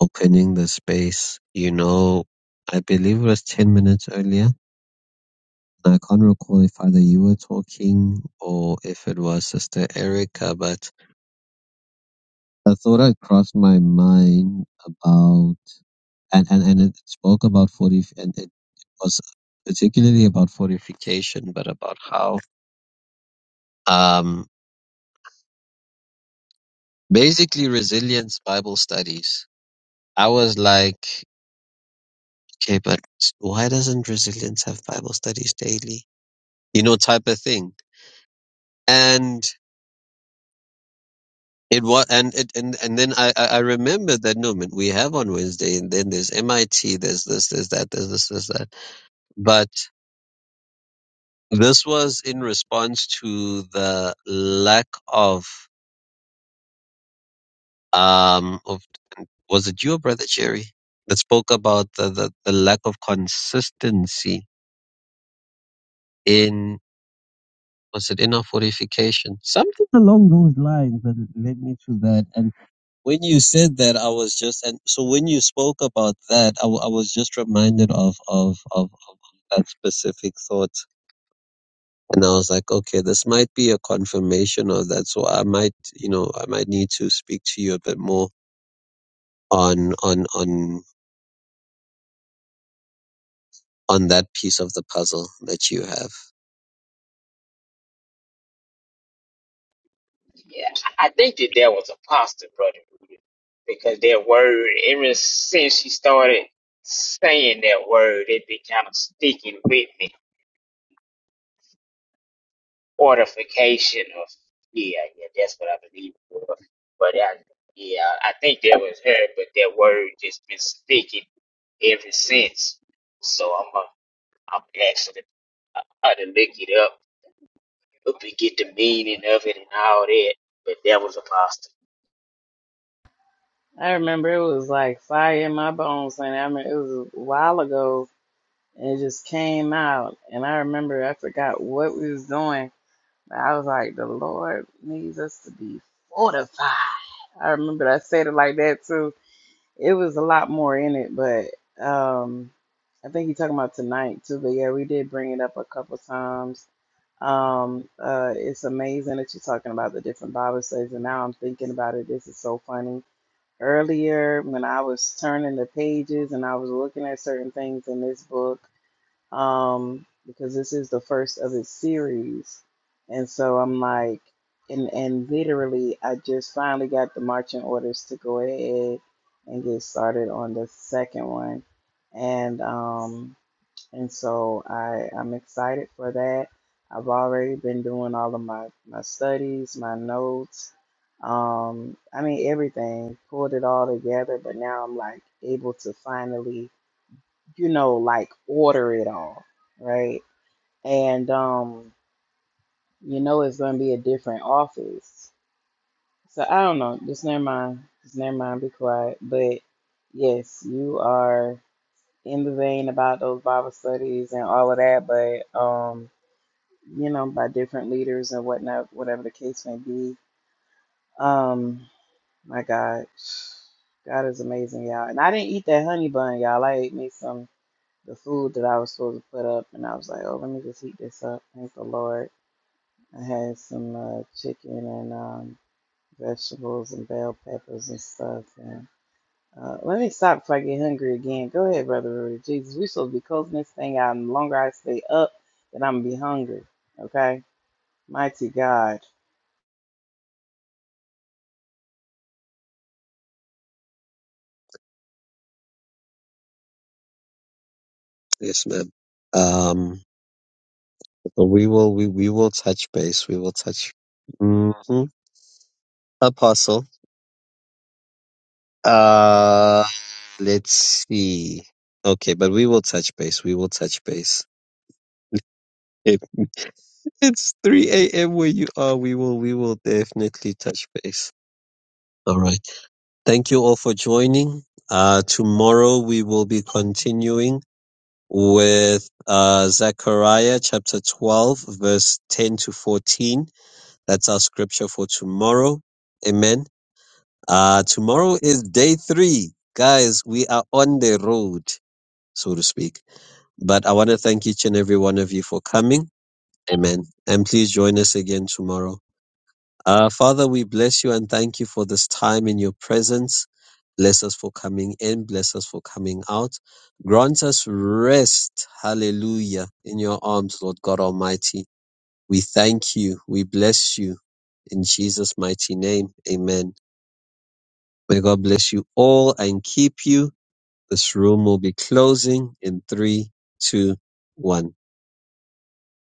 opening the space, you know, I believe it was 10 minutes earlier. I can't recall if either you were talking or if it was Sister Erica, but a thought had crossed my mind about and and and it spoke about forty and it was particularly about fortification, but about how um basically resilience Bible studies. I was like, okay, but why doesn't resilience have Bible studies daily? You know, type of thing. And it was, and it, and and then I I I remembered that no man, we have on Wednesday, and then there's MIT, there's this, there's that, there's this, there's that. But this was in response to the lack of um of was it your brother Jerry that spoke about the, the, the lack of consistency in was it in our fortification? Something along those lines that led me to that. And when you said that, I was just and so when you spoke about that, I, w- I was just reminded of of, of of that specific thought. And I was like, okay, this might be a confirmation of that. So I might, you know, I might need to speak to you a bit more on on on on that piece of the puzzle that you have. Yeah, I I think that that was apostle, brother, Rudy, because that word, ever since she started saying that word, it been kind of sticking with me. Fortification of yeah, yeah, that's what I believe it was. But I, yeah, I think that was her, but that word just been sticking ever since. So I'm uh, I'm actually I, I to look it up, look and get the meaning of it and all that. But that was apostle. I remember it was like fire in my bones, and I mean, it was a while ago, and it just came out. And I remember I forgot what we was doing, but I was like, the Lord needs us to be fortified. I remember I said it like that too It was a lot more in it, but um, I think he's talking about tonight too. But yeah, we did bring it up a couple times. Um, uh, it's amazing that you're talking about the different Bible studies, and now I'm thinking about it. This is so funny. Earlier, when I was turning the pages and I was looking at certain things in this book um, because this is the first of its series, and so I'm like, and and literally, I just finally got the marching orders to go ahead and get started on the second one, and um, and so I I'm excited for that. I've already been doing all of my my studies, my notes. Um, I mean everything, pulled it all together, but like able to finally, you know, like order right, and. you know, office. So I just never be quiet. But yes, you are in the vein about those Bible studies and all of that, but um, you know, by different leaders and whatnot, whatever the case may be. Um, my God, God is amazing, y'all. And I didn't eat that honey bun, y'all. I ate me some the food that I was supposed to put up, and I was like, oh, let me just heat this up. Thank the Lord. I had some uh, chicken and um, vegetables and bell peppers and stuff, and. Uh, let me stop before I get hungry again. Go ahead, Brother Rudy. Jesus, we supposed to be closing this thing out. And the longer I stay up, then I'm going to be hungry. Okay? Mighty God. Yes, ma'am. Um, but we will, we, we will touch base. We will touch. hmm Apostle. Uh, let's see. Okay, but we will touch base. We will touch base. If [laughs] it's 3 a.m. where you are, we will, we will definitely touch base. All right. Thank you all for joining. Uh, tomorrow we will be continuing. with uh, Zechariah chapter 12, verse 10 to 14. That's our scripture for tomorrow. Amen. Uh, tomorrow is day three. Guys, we are on the road, so to speak. But I want to thank each and every one of you for coming. Amen. And please join us again tomorrow. Uh, Father, we bless you and thank you for this time in your presence. Bless us for coming in. Bless us for coming out. Grant us rest. Hallelujah. In your arms, Lord God Almighty. We thank you. We bless you. In Jesus' mighty name. Amen. May God bless you all and keep you. This room will be closing in three, two, one.